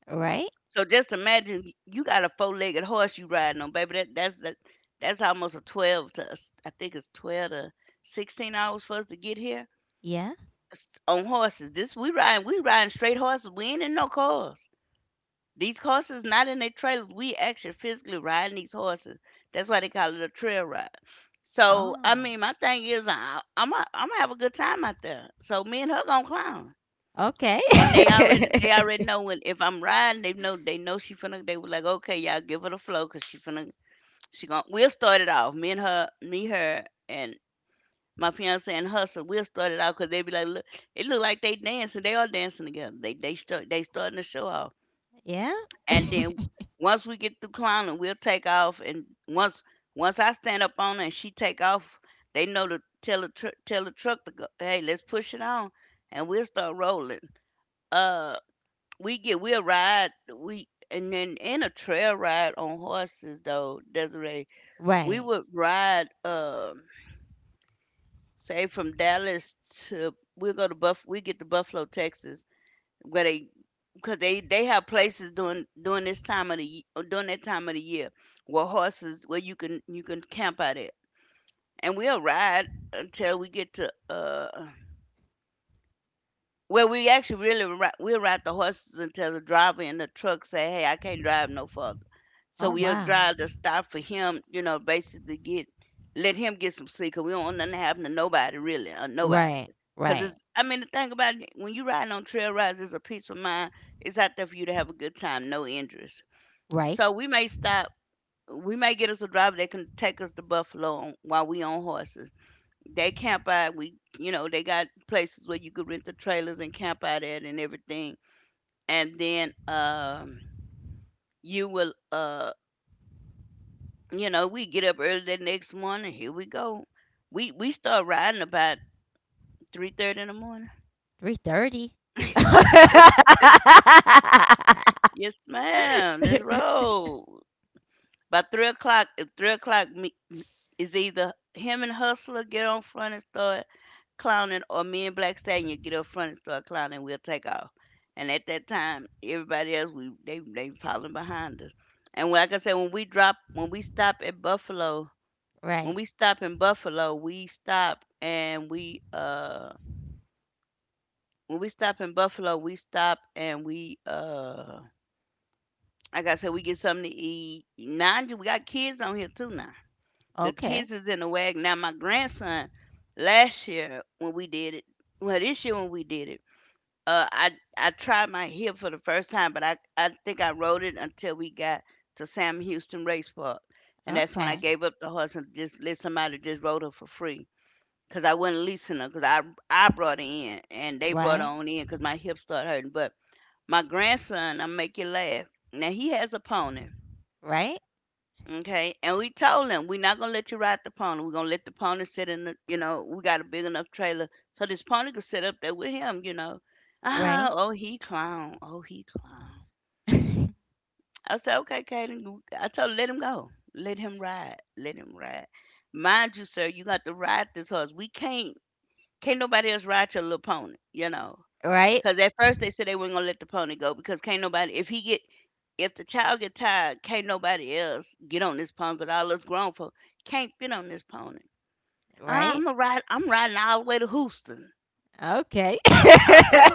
[SPEAKER 1] Right?
[SPEAKER 2] So just imagine you got a four-legged horse you riding on, baby. That's almost a 12 to us. I think it's 12 to 16 hours for us to get here
[SPEAKER 1] Yeah.
[SPEAKER 2] on horses. This we riding, straight horses. We ain't in no cars. These horses not in their trailers. We actually physically riding these horses. That's why they call it a trail ride. So I
[SPEAKER 1] Oh.
[SPEAKER 2] mean, my thing is, I'm gonna have a good time out there. So me and her gonna clown,
[SPEAKER 1] Okay.
[SPEAKER 2] and they
[SPEAKER 1] [laughs]
[SPEAKER 2] already know when, if I'm riding, they know she finna. They were like, okay, y'all give her the flow, cause she finna, she gonna. We'll start it off. Me and her, me her, and. My fiance and her, so we'll start it out because they be like, look, it look like they dancing. They are dancing together. They starting to show off.
[SPEAKER 1] Yeah.
[SPEAKER 2] And then once we get through clowning, we'll take off. And once I stand up on her and she take off, they know to tell the tell the truck to go. Hey, let's push it on, and we'll start rolling. Uh, we'll ride, we and then in a trail ride on horses though, Desiree. We
[SPEAKER 1] Right.
[SPEAKER 2] would ride. Say from Dallas to, we get to Buffalo, Texas, where they, because they have places during this time of the during that time of the year where horses, where you can camp out at, and we'll ride until we get to, well, we actually really ri we'll ride the horses until the driver in the truck say, "Hey, I can't drive no further." So
[SPEAKER 1] Oh,
[SPEAKER 2] we'll
[SPEAKER 1] wow.
[SPEAKER 2] drive the stop for him, you know, basically get, let him get some sleep 'cause we don't want nothing to happen to nobody really, nobody.
[SPEAKER 1] Right.
[SPEAKER 2] 'Cause
[SPEAKER 1] Right.
[SPEAKER 2] it's, I mean, the thing about it, when you riding on trail rides, it's a peace of mind. It's out there for you to have a good time, no injuries.
[SPEAKER 1] Right.
[SPEAKER 2] So we may stop. We may get us a driver that can take us to Buffalo on, while we on horses, they camp out. We, you know, they got places where you could rent the trailers and camp out at and everything. And then, you will, you know, we get up early the next morning. Here we go. We start riding about 3:30 in the morning.
[SPEAKER 1] 3:30. [laughs]
[SPEAKER 2] [laughs] Yes, ma'am. Let's roll. By 3 o'clock, if 3 o'clock, me, it's either him and Hustler get on front and start clowning, or me and Black Stallion get up front and start clowning. We'll take off. And at that time, everybody else we, they following behind us. And like I said, when we drop, when we stop at Buffalo, when
[SPEAKER 1] Right.
[SPEAKER 2] we stop in Buffalo, we stop and we when we stop in Buffalo, we stop and we, like I said, we get something to eat. Mind you, we got kids on here too now. The kids
[SPEAKER 1] Okay.
[SPEAKER 2] is in the wagon. Now my grandson, last year when we did it, well this year when we did it, uh, I I tried my hip for the first time, but I think I rode it until we got to Sam Houston Race Park, and that's when I
[SPEAKER 1] Okay.
[SPEAKER 2] gave up the horse and just let somebody just rode her for free. Cause I wasn't leasing her, cause I brought her in and they brought her
[SPEAKER 1] Right.
[SPEAKER 2] on in, cause my hips started hurting. But my grandson, I make you laugh. Now he has a pony.
[SPEAKER 1] Right.
[SPEAKER 2] Okay, and we told him, we're not gonna let you ride the pony. We're gonna let the pony sit in the, you know, we got a big enough trailer so this pony could sit up there with him, you know. Ah,
[SPEAKER 1] Right.
[SPEAKER 2] oh he clown, oh he clown.
[SPEAKER 1] [laughs]
[SPEAKER 2] I said, okay, Caden, you- I told her, let him go, let him ride, let him ride. Mind you, sir, you got to ride this horse. We can't nobody else ride your little pony, you know.
[SPEAKER 1] Right.
[SPEAKER 2] Because at first they said they weren't gonna let the pony go because can't nobody if he get if the child get tired, can't nobody else get on this pony but all us grown folk can't fit on this pony.
[SPEAKER 1] Right.
[SPEAKER 2] I'm a ride I'm riding all the way to Houston."
[SPEAKER 1] Okay.
[SPEAKER 2] Okay.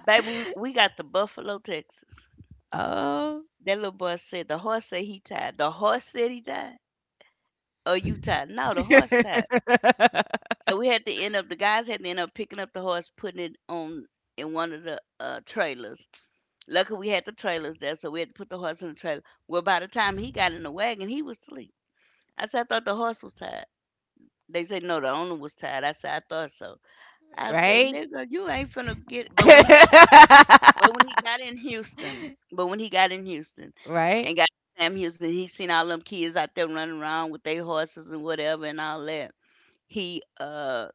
[SPEAKER 2] Baby, we got the Buffalo, Texas.
[SPEAKER 1] Oh.
[SPEAKER 2] That little boy said the horse said he tired. The horse said he tired. Oh, you tired? No, the horse tired.
[SPEAKER 1] [laughs]
[SPEAKER 2] So we had to end up the guys had to end up picking up the horse, putting it on in one of the trailers. Luckily, we had the trailers there, so we had to put the horse in the trailer. Well, by the time he got in the wagon, he was asleep. I said, I thought the horse was tired. They said, no, the owner was tired. I said, I thought so. I said,
[SPEAKER 1] Right?
[SPEAKER 2] nigga, you ain't finna get.
[SPEAKER 1] [laughs]
[SPEAKER 2] But when he got in Houston,
[SPEAKER 1] Right?
[SPEAKER 2] and got to Sam Houston, he seen all them kids out there running around with their horses and whatever and all that. He uh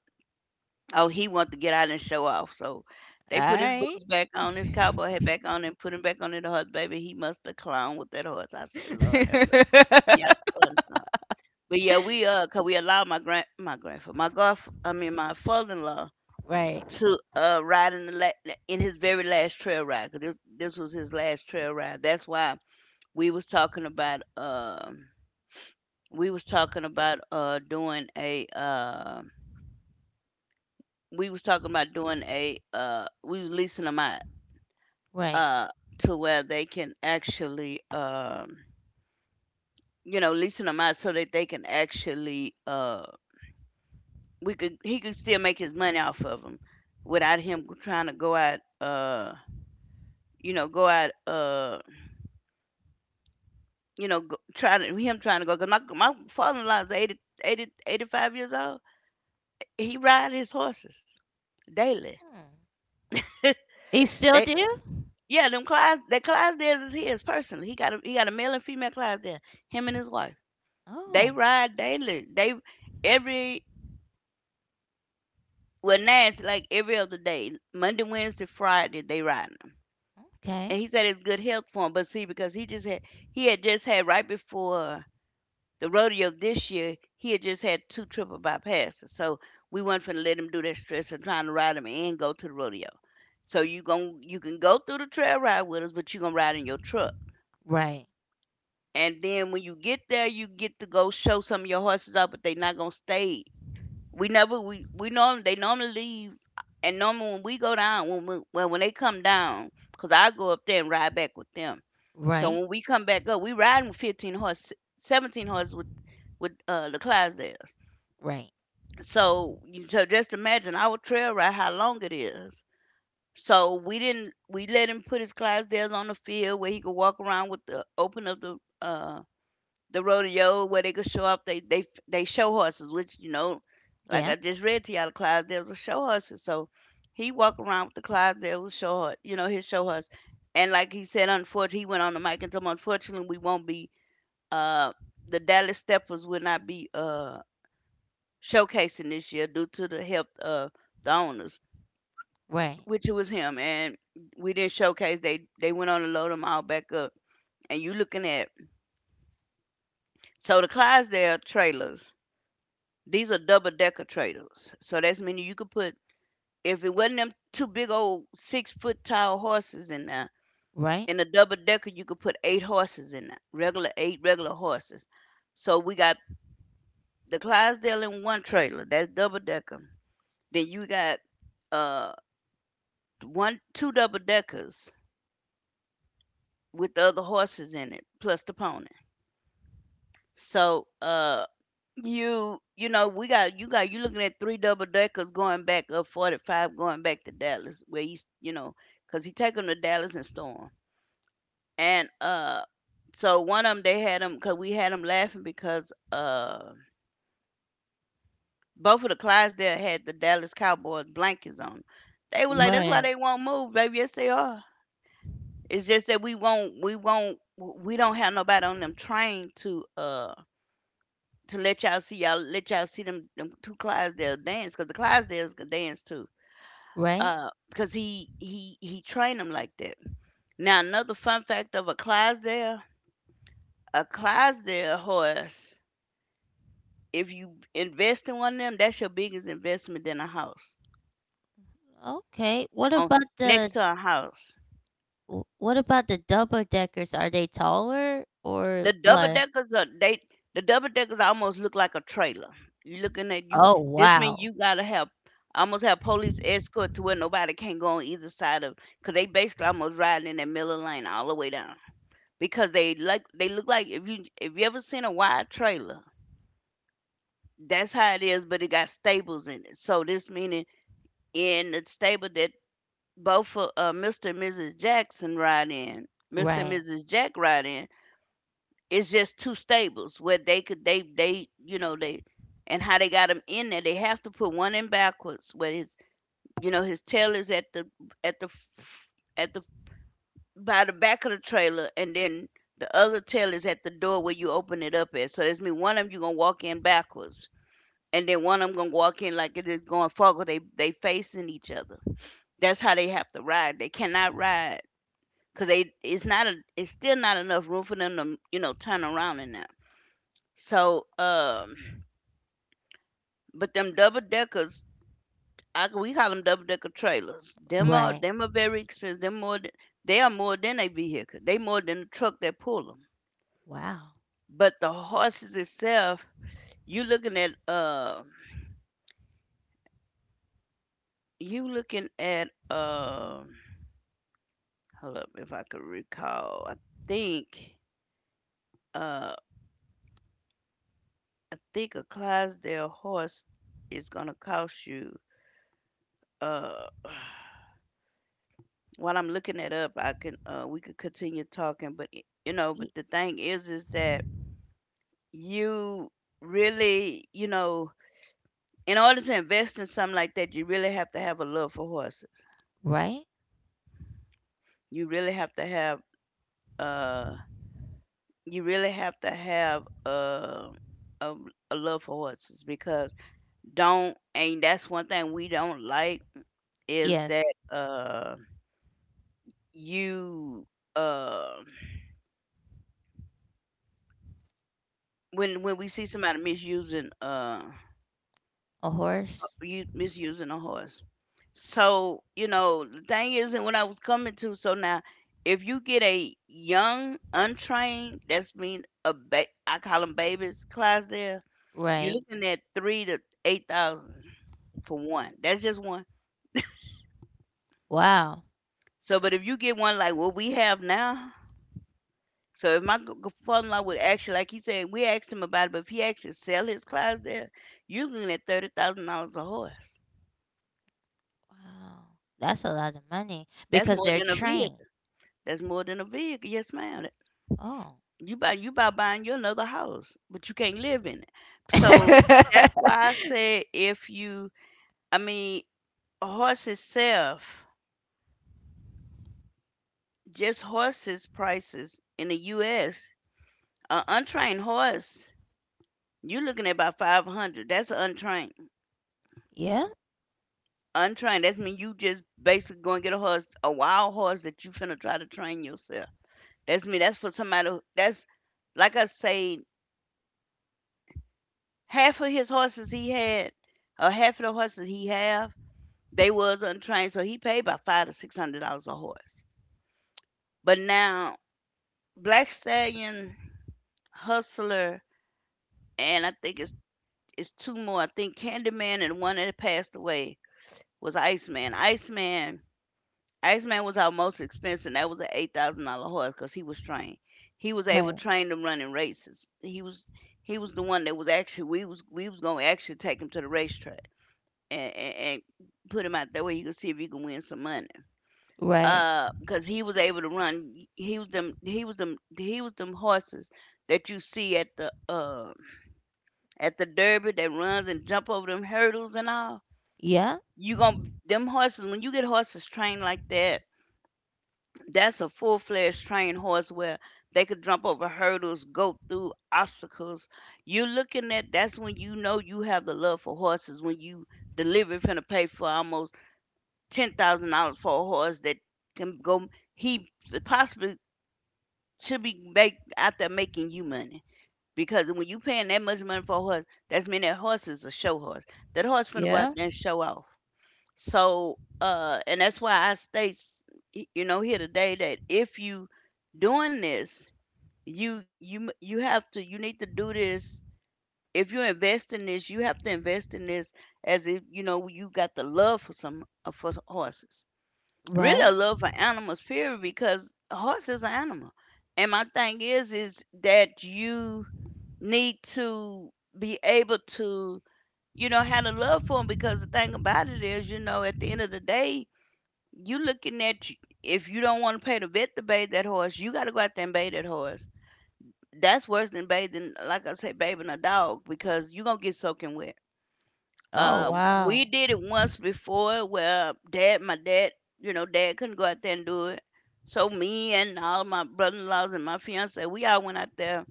[SPEAKER 2] Oh, he wanted to get out and show off. So they put his
[SPEAKER 1] Alright.
[SPEAKER 2] boots back on, his cowboy hat back on, and put him back on the horse. Baby, he must have clown with that horse. I say, Lord,
[SPEAKER 1] Right,
[SPEAKER 2] have mercy. Y'all
[SPEAKER 1] [laughs]
[SPEAKER 2] starting. But yeah, we cause we allowed my grand, my grandfather, my godf, I mean my father-in-law
[SPEAKER 1] right.
[SPEAKER 2] to ride in the in his very last trail ride, cause this was his last trail ride. That's why we was talking about we was talking about doing a we was talking about doing a we was leasing them out
[SPEAKER 1] Right.
[SPEAKER 2] uh, to where they can actually, leasing them out so that they can actually, we could he could still make his money off of them without him trying to go out, go out, go, trying to him trying to go. Cause my father-in-law is 85 years old. He ride his horses daily.
[SPEAKER 1] Hmm. You
[SPEAKER 2] [laughs]
[SPEAKER 1] still
[SPEAKER 2] They
[SPEAKER 1] do?
[SPEAKER 2] Yeah, them class that Clydesdales is his personally. He got a male and female Clydesdale. Him and his wife. They
[SPEAKER 1] Oh,
[SPEAKER 2] ride daily. They every Well now it's like every other day, Monday, Wednesday, Friday they riding 'em. And
[SPEAKER 1] okay.
[SPEAKER 2] he said it's good health for him, but see because he had just had right before the rodeo this year, he had just had two triple bypasses, so we weren't finna let him do that stress of trying to ride him and go to the rodeo. So you can go through the trail ride with us, but you gonna ride in your truck.
[SPEAKER 1] Right,
[SPEAKER 2] And then when you get there, you get to go show some of your horses off, but they not gonna stay. We never we we norm They normally leave, and normally when we go down when we, well when they come down, 'cause I go up there and ride back with them. So
[SPEAKER 1] right,
[SPEAKER 2] when we come back up, we riding with 15 horses, 17 horses with the Clydesdales.
[SPEAKER 1] right.
[SPEAKER 2] So just imagine our trail ride how long it is. So we didn't we let him put his Clydesdales on the field where he could walk around with the open of the rodeo where they could show off they show horses, which you know, like
[SPEAKER 1] Yeah,
[SPEAKER 2] I just read to y'all, the Clydesdales are show horses. So he walked around with the Clydesdales show horse, you know, his show horse. And like he said, "Unfortunately," he went on the mic and told him, "Unfortunately, we won't be uh the Dallas Steppers will not be showcasing this year due to the health of the owners,"
[SPEAKER 1] right,
[SPEAKER 2] which it was him. And we didn't showcase. They went on to load them all back up. And you looking at the Clydesdale trailers. These are double decker trailers. So that's meaning you could put if it wasn't them two big old 6 foot tall horses in there,
[SPEAKER 1] right,
[SPEAKER 2] in a double decker you could put eight horses in there. Regular eight regular horses. So we got the Clydesdale in one trailer, that's double decker. Then you got uh 1, 2 double deckers with the other horses in it, plus the pony. So you you know we got you looking at three double deckers going back up 45, going back to Dallas where he's, you know, because he take them to Dallas and storm. And so one of them, they had them because we had them laughing because both of the Clydesdale had the Dallas Cowboys blankets on. They were like, "That's why
[SPEAKER 1] right,
[SPEAKER 2] they won't move, baby. Yes, they are. It's just that we don't have nobody on them trained to let y'all see them two Clydesdales dance, because the Clydesdales can dance too."
[SPEAKER 1] right.
[SPEAKER 2] Because he trained them like that. Now another fun fact of a Clydesdale horse. If you invest in one of them, that's your biggest investment in a house.
[SPEAKER 1] Okay. What
[SPEAKER 2] On
[SPEAKER 1] about
[SPEAKER 2] Next
[SPEAKER 1] the
[SPEAKER 2] to a house.
[SPEAKER 1] W what about the double deckers? Are they taller or
[SPEAKER 2] The double
[SPEAKER 1] like
[SPEAKER 2] deckers are they the double deckers almost look like a trailer. You looking at you
[SPEAKER 1] Oh,
[SPEAKER 2] This means
[SPEAKER 1] wow.
[SPEAKER 2] you gotta have almost have police escort to where nobody can go on either side of, because they basically almost riding in that middle lane all the way down. Because they like they look like, if you ever seen a wide trailer, that's how it is, but it got stables in it. So this meaning in the stable that both of Mr. and Mrs. Jackson ride in, Mr. and
[SPEAKER 1] Right,
[SPEAKER 2] Mrs. Jack ride in, it's just two stables where they could they you know they, and how they got him in there, they have to put one in backwards where his, you know, his tail is at the at the f- at the by the back of the trailer, and then the other tail is at the door where you open it up at. So that's mean one of them you gonna walk in backwards, and then one of them gonna walk in like it is going forward. They facing each other. That's how they have to ride. They cannot ride because they it's not a it's still not enough room for them to, you know, turn around in there. So, but them double deckers, we call them double decker trailers. Them are
[SPEAKER 1] right.
[SPEAKER 2] them are very expensive. They are more than a vehicle. They more than the truck that pull them.
[SPEAKER 1] Wow.
[SPEAKER 2] But the horses itself, you looking at uh, you looking at hold up if I could recall. Think uh, I think a Clydesdale horse is gonna cost you uh. [sighs] While I'm looking it up, I can we could continue talking, but you know,
[SPEAKER 1] Y
[SPEAKER 2] but the thing is that you really, you know, in order to invest in something like that, you really have to have a love for horses.
[SPEAKER 1] right?
[SPEAKER 2] You really have to have uh you really have to have a, a love for horses, because don't and that's one thing we don't like, is that
[SPEAKER 1] Yes.
[SPEAKER 2] you uh when we see somebody misusing
[SPEAKER 1] A horse?
[SPEAKER 2] you misusing a horse. So, you know, the thing isn't what I was coming to. So now, if you get a young, untrained, that's mean a I call them babies, Clydesdale, you're
[SPEAKER 1] Right.
[SPEAKER 2] looking at 3 to 8,000 for one. That's just one.
[SPEAKER 1] Wow.
[SPEAKER 2] So, but if you get one like what we have now, so if my father-in-law would actually, like he said, we asked him about it, but if he actually sell his Clydesdale, you're looking at $30,000 a horse.
[SPEAKER 1] Wow. That's a lot of money
[SPEAKER 2] That's
[SPEAKER 1] because
[SPEAKER 2] more
[SPEAKER 1] they're
[SPEAKER 2] than a
[SPEAKER 1] trained.
[SPEAKER 2] vehicle. That's more than a vehicle. Yes, ma'am.
[SPEAKER 1] Oh.
[SPEAKER 2] You by buying you another house, but you can't live in it. So that's
[SPEAKER 1] [laughs]
[SPEAKER 2] why I said if you, I mean, a horse itself, just horses prices in the U.S. An untrained horse, you looking at about 500. That's untrained.
[SPEAKER 1] Yeah,
[SPEAKER 2] Untrained. That's mean you just basically going to get a horse, a wild horse that you finna try to train yourself. That's me. That's for somebody. That's like I say, half of his horses he had, half of the horses he have they was untrained, so he paid about $5 to 600 a horse. But now Black Stallion, Hustler, and I think it's two more. I think Candyman, and one that passed away was Iceman. Iceman was our most expensive. And That was an $8,000 horse because he was trained. He was able to
[SPEAKER 1] right,
[SPEAKER 2] train them running races. He was the one that was actually we was gonna actually take him to the racetrack and put him out that way. He could see if he could win some money.
[SPEAKER 1] right.
[SPEAKER 2] Because he was able to run, he was them he was them he was them horses that you see at the derby that runs and jump over them hurdles and all.
[SPEAKER 1] Yeah,
[SPEAKER 2] You gonna them horses when you get horses trained like that, that's a full-fledged trained horse where they could jump over hurdles, go through obstacles. You're looking at, that's when you know you have the love for horses, when you deliver finna pay for almost $10,000 for a horse that can go, he possibly should be make, out there making you money. Because when you paying that much money for a horse, that's mean that horse is a show horse. That horse finna go out
[SPEAKER 1] yeah,
[SPEAKER 2] there and show off. So, and that's why I state, here today that if you doing this, you have to, you need to do this. If you invest in this, you have to invest in this as if you know you got the love for some for horses, really
[SPEAKER 1] right.
[SPEAKER 2] a love for animals period, because a horse is an animal. And my thing is that you need to be able to, you know, have a love for them, because the thing about it is, you know, at the end of the day, you looking at, if you don't want to pay the vet to bathe that horse, you got to go out there and bathe that horse. That's worse than bathing, like I say, bathing a dog, because you're gonna get soaking wet.
[SPEAKER 1] Oh,
[SPEAKER 2] We
[SPEAKER 1] wow.
[SPEAKER 2] did it once before where dad, my dad, you know, dad couldn't go out there and do it. So me and all my brother-in-laws and my fiance, we all went out there.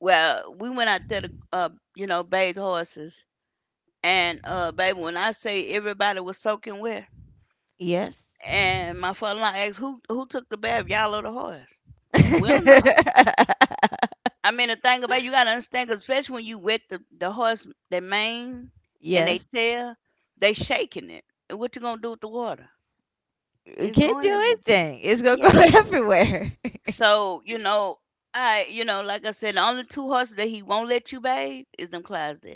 [SPEAKER 2] Well, we went out there to, you know, bathe horses. And baby, when I say everybody was soaking wet,
[SPEAKER 1] Yes.
[SPEAKER 2] and my father-in-law asked, "Who took the bath? Y'all or the horse?" We don't know.
[SPEAKER 1] [laughs]
[SPEAKER 2] I mean, the thing about, you gotta understand, 'cause especially when you wet the horse, their mane and they
[SPEAKER 1] Yes.
[SPEAKER 2] tail, they shaking it. And what you gonna do with the water?
[SPEAKER 1] You
[SPEAKER 2] It's
[SPEAKER 1] can't do
[SPEAKER 2] going every,
[SPEAKER 1] anything. It's gonna go [laughs]
[SPEAKER 2] yeah.
[SPEAKER 1] everywhere.
[SPEAKER 2] So you know, like I said, the only two horses that he won't let you bathe is them Clydesdale.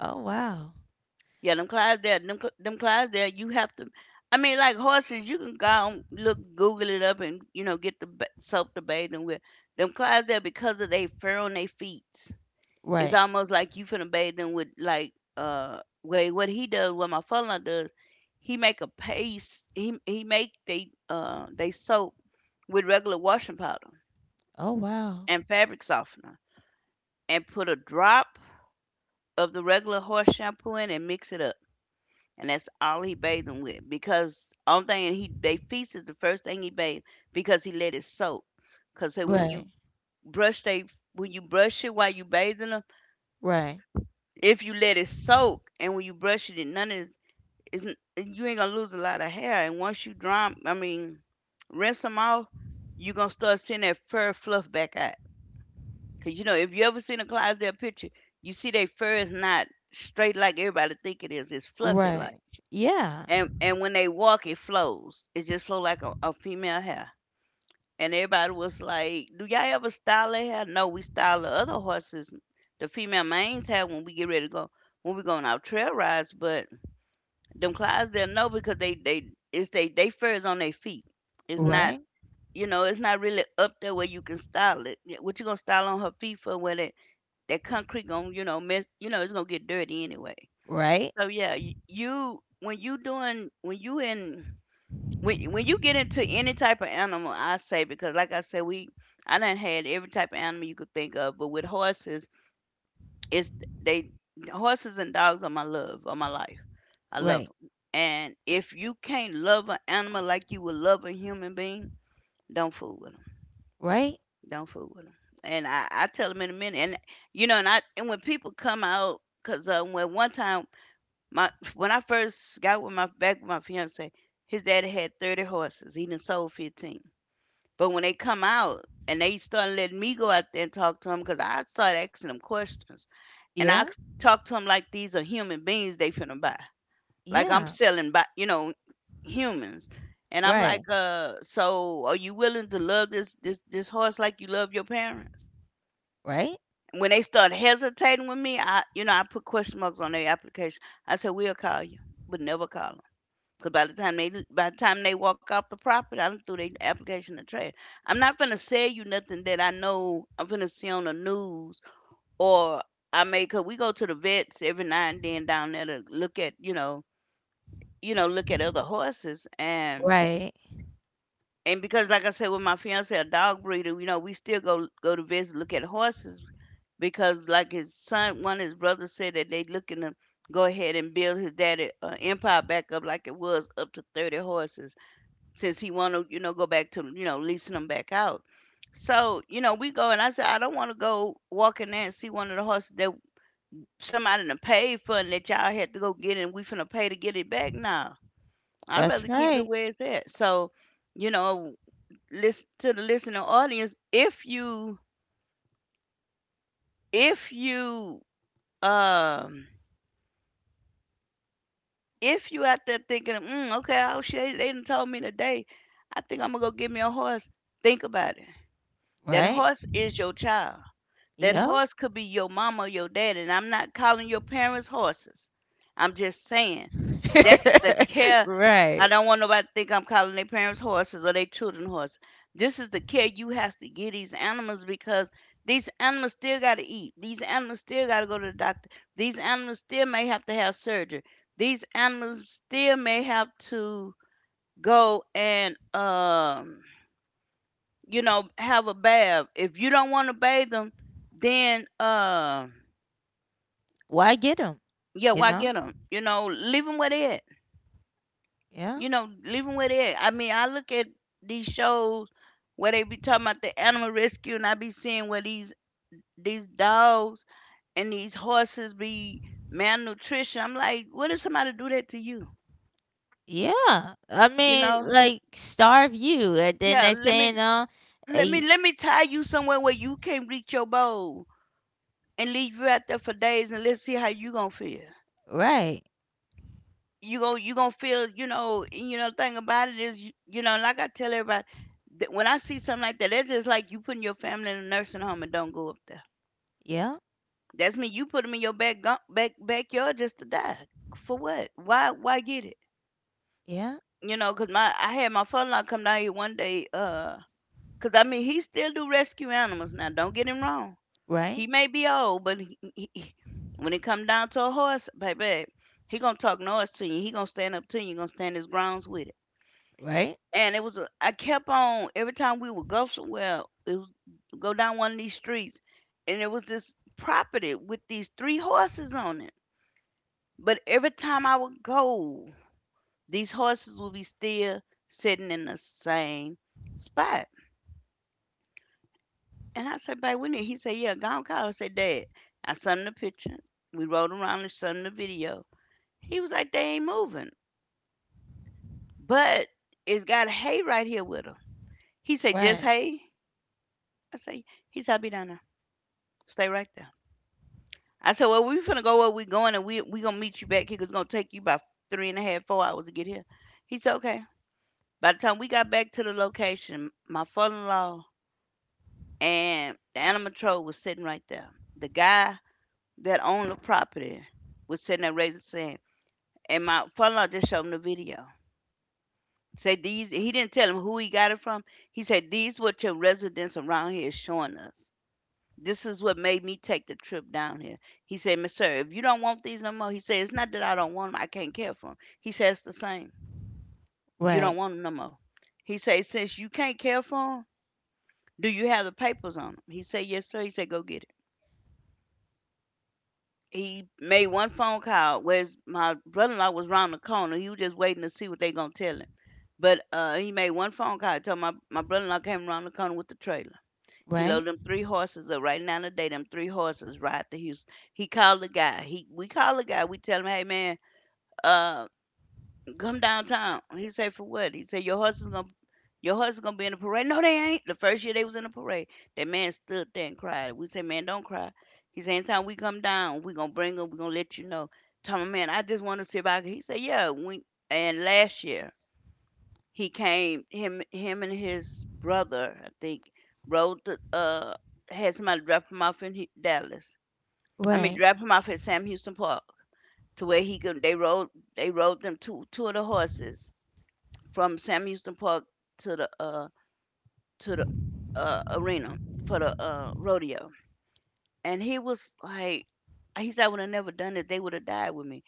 [SPEAKER 1] Oh, wow.
[SPEAKER 2] Yeah, them Clydesdale, them Clydesdale. You have to. I mean, like horses, you can go and look, Google it up, and you know, get the soap to bathe them with. Them Clydesdale because of they fur on their feet. It's
[SPEAKER 1] Right.
[SPEAKER 2] almost like you finna bathe them with like way what he does, what my father does. He make a paste. He make they soap with regular washing powder
[SPEAKER 1] Oh wow.
[SPEAKER 2] and fabric softener and put a drop of the regular horse shampoo in and mix it up. And that's all he bathed them with, because only thing he they feast is the first thing he bathed, because he let it soak. Cause so when
[SPEAKER 1] Right.
[SPEAKER 2] you brush they, when you brush it while you bathing them,
[SPEAKER 1] Right.
[SPEAKER 2] if you let it soak and when you brush it, none is, isn't, you ain't gonna lose a lot of hair. And once you dry, I mean, rinse them off, you gonna start seeing that fur fluff back out. Cause you know, if you ever seen a Clydesdale picture, you see their fur is not straight like everybody think it is. It's fluffy like,
[SPEAKER 1] Right. Yeah.
[SPEAKER 2] and when they walk, it flows. It just flow like a female hair. And everybody was like, "Do y'all ever style their hair?" No, we style the other horses, the female manes hair, when we get ready to go, when we go on our trail rides. But them Clydesdale no, because they it's they fur is on their feet. It's not,
[SPEAKER 1] Right.
[SPEAKER 2] you know, it's not really up there where you can style it. What you gonna style on her feet for? Where that concrete gonna, you know, mess, you know, it's gonna get dirty anyway.
[SPEAKER 1] Right.
[SPEAKER 2] So yeah, you, when you doing, when you in, when you get into any type of animal, I say, because like I said, we I done had every type of animal you could think of, but with horses, it's, they, horses and dogs are my love, are my life. I love
[SPEAKER 1] Right.
[SPEAKER 2] them, and if you can't love an animal like you would love a human being, don't fool with 'em.
[SPEAKER 1] Right.
[SPEAKER 2] Don't fool with them. And I tell them in a minute. And you know, and when people come out, cause when one time, my when I first got with my back with my fiance, his daddy had 30 horses. He done sold 15. But when they come out and they start letting me go out there and talk to them, cause I start asking them questions, and I
[SPEAKER 1] Yeah.
[SPEAKER 2] talk to them like these are human beings they finna buy. Like I'm
[SPEAKER 1] Yeah.
[SPEAKER 2] selling, by you know, humans. And I'm
[SPEAKER 1] Right.
[SPEAKER 2] like, so are you willing to love this horse like you love your parents?
[SPEAKER 1] Right.
[SPEAKER 2] When they start hesitating with me, I you know I put question marks on their application. I said we'll call you, but never call them. Cause by the time they walk off the property, I done threw their application in the trash. I'm not finna sell you nothing that I know I'm finna see on the news, or I may, cause we go to the vets every now and then down there to look at, you know, you know, look at other horses. and
[SPEAKER 1] Right.
[SPEAKER 2] and because like I said, with my fiance a dog breeder, you know, we still go to vets to look at horses, because like his son, one of his brothers said that they looking to go ahead and build his daddy, empire back up, like it was up to 30 horses, since he want to, you know, go back to, you know, leasing them back out. So you know, we go, and I said, I don't want to go walk in there and see one of the horses that somebody done paid for, and that y'all had to go get it, and we finna pay to get it back now. I'd
[SPEAKER 1] That's
[SPEAKER 2] rather keep it
[SPEAKER 1] right.
[SPEAKER 2] where it's at. So you know, listen to the listening audience, if you, if you, um if you out there thinking, mm, okay, oh shit, they done told me today, I think I'm gonna go get me a horse. Think about it. That
[SPEAKER 1] Right.
[SPEAKER 2] horse is your child. That
[SPEAKER 1] Yeah.
[SPEAKER 2] horse could be your mama or your daddy, and I'm not calling your parents horses. I'm just saying that's the
[SPEAKER 1] [laughs]
[SPEAKER 2] care. I
[SPEAKER 1] right.
[SPEAKER 2] don't want nobody to think I'm calling their parents horses or their children horses. This is the care you have to give these animals, because these animals still got to eat. These animals still got to go to the doctor. These animals still may have to have surgery. These animals still may have to go and you know, have a bath. If you don't want to bathe them, then
[SPEAKER 1] Why get them?
[SPEAKER 2] yeah,
[SPEAKER 1] You
[SPEAKER 2] why
[SPEAKER 1] know?
[SPEAKER 2] get them? You know, leave them where they at.
[SPEAKER 1] Yeah.
[SPEAKER 2] You know, leave them where they at. I mean, I look at these shows where they be talking about the animal rescue, and I be seeing where these dogs and these horses be malnutrition. I'm like, what if somebody do that to you?
[SPEAKER 1] Yeah. I
[SPEAKER 2] You
[SPEAKER 1] mean,
[SPEAKER 2] know?
[SPEAKER 1] like starve you, and then
[SPEAKER 2] Yeah,
[SPEAKER 1] they say, you know, eh,
[SPEAKER 2] let me tie you somewhere where you can't reach your bowl and leave you out there for days, and let's see how you gonna feel.
[SPEAKER 1] right.
[SPEAKER 2] You go, you gonna feel, you know, you know, thing about it is, you know, like I tell everybody, that when I see something like that, that's just like you putting your family in a nursing home and don't go up there.
[SPEAKER 1] Yeah.
[SPEAKER 2] That's me, you put them in your back backyard just to die, for what? Why get it?
[SPEAKER 1] Yeah.
[SPEAKER 2] You know, because my, I had my father in law come down here one day, because I mean he still do rescue animals now, don't get him wrong.
[SPEAKER 1] Right.
[SPEAKER 2] He may be old, but when it come down to a horse, baby, he gonna talk noise to you, he gonna stand up to you, he gonna stand his grounds with it.
[SPEAKER 1] Right.
[SPEAKER 2] And it was a, I kept on every time we would go somewhere, it was go down one of these streets, and there was this property with these three horses on it. But every time I would go, these horses would be still sitting in the same spot. And I said, "Babe, we need." He said, "Yeah, go on, call." I said, "Dad, I sent him the picture. We rode around and sent him the video." He was like, "They ain't moving, but it's got hay right here with them." He said, "Just
[SPEAKER 1] Right.
[SPEAKER 2] hay." I say, "He said, I'll be down there. Stay right there." I said, well, we finna go where we going, and we gonna meet you back here 'cause it's gonna take you about three and a half, 4 hours to get here. He said, okay. By the time we got back to the location, my father-in-law and the animal control was sitting right there. The guy that owned the property was sitting there raising his hand, and my father-in-law just showed him the video. Say these. He didn't tell him who he got it from. He said these what your residents around here is showing us. This is what made me take the trip down here. He said, "Miss Sir, if you don't want these no more," he said, "it's not that I don't want them. I can't care for them." He said, "It's the same. You
[SPEAKER 1] Right.
[SPEAKER 2] don't want them no more." He said, "Since you can't care for them, do you have the papers on them?" He said, "Yes, sir." He said, "Go get it." He made one phone call, whereas my brother-in-law was round the corner. He was just waiting to see what they gonna tell him. But he made one phone call. He told my brother-in-law, came around the corner with the trailer. He
[SPEAKER 1] Right.
[SPEAKER 2] loaded them three horses up right now today. Them three horses ride to Houston. He called the guy. He we call the guy. We tell him, hey man, uh, come downtown. He said for what? He said your horse is gonna your horse is gonna be in the parade. No, they ain't. The first year they was in the parade, that man stood there and cried. We said, man, don't cry. He said, anytime we come down, we gonna bring them. We gonna let you know. Tell him, man, I just want to see if I can. He said, yeah. We and last year he came, him and his brother, I think, rode to, had somebody drop him off in Hu Dallas. I mean,
[SPEAKER 1] Right,
[SPEAKER 2] drop him off at Sam Houston Park to where he could, they rode them two of the horses from Sam Houston Park to the arena for the rodeo. And he was like, he said, I would have never done it. They would have died with me.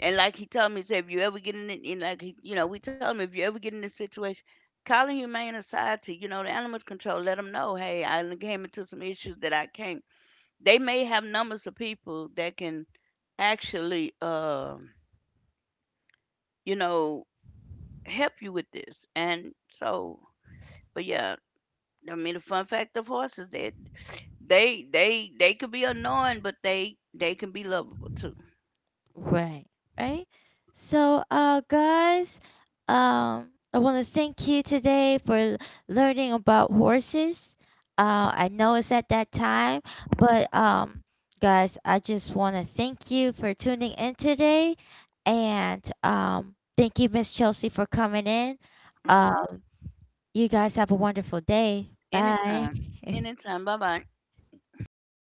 [SPEAKER 2] And like he told me, he said, if you ever get in, it, and like he, you know, we told him if you ever get in this situation, call a humane society. You know, the animal control, let them know, hey, I came into some issues that I can't. They may have numbers of people that can actually, you know, help you with this. And so, but yeah, I mean, the fun fact of horses that they could be annoying, but they can be lovable too.
[SPEAKER 1] right, right. So, guys, I want to thank you today for learning about horses. I know it's at that time, but guys, I just want to thank you for tuning in today, and thank you, Miss Chelsea, for coming in. Uh,
[SPEAKER 2] Hmm.
[SPEAKER 1] you guys have a wonderful day. Bye.
[SPEAKER 2] Anytime,
[SPEAKER 1] [laughs]
[SPEAKER 2] anytime. Bye bye.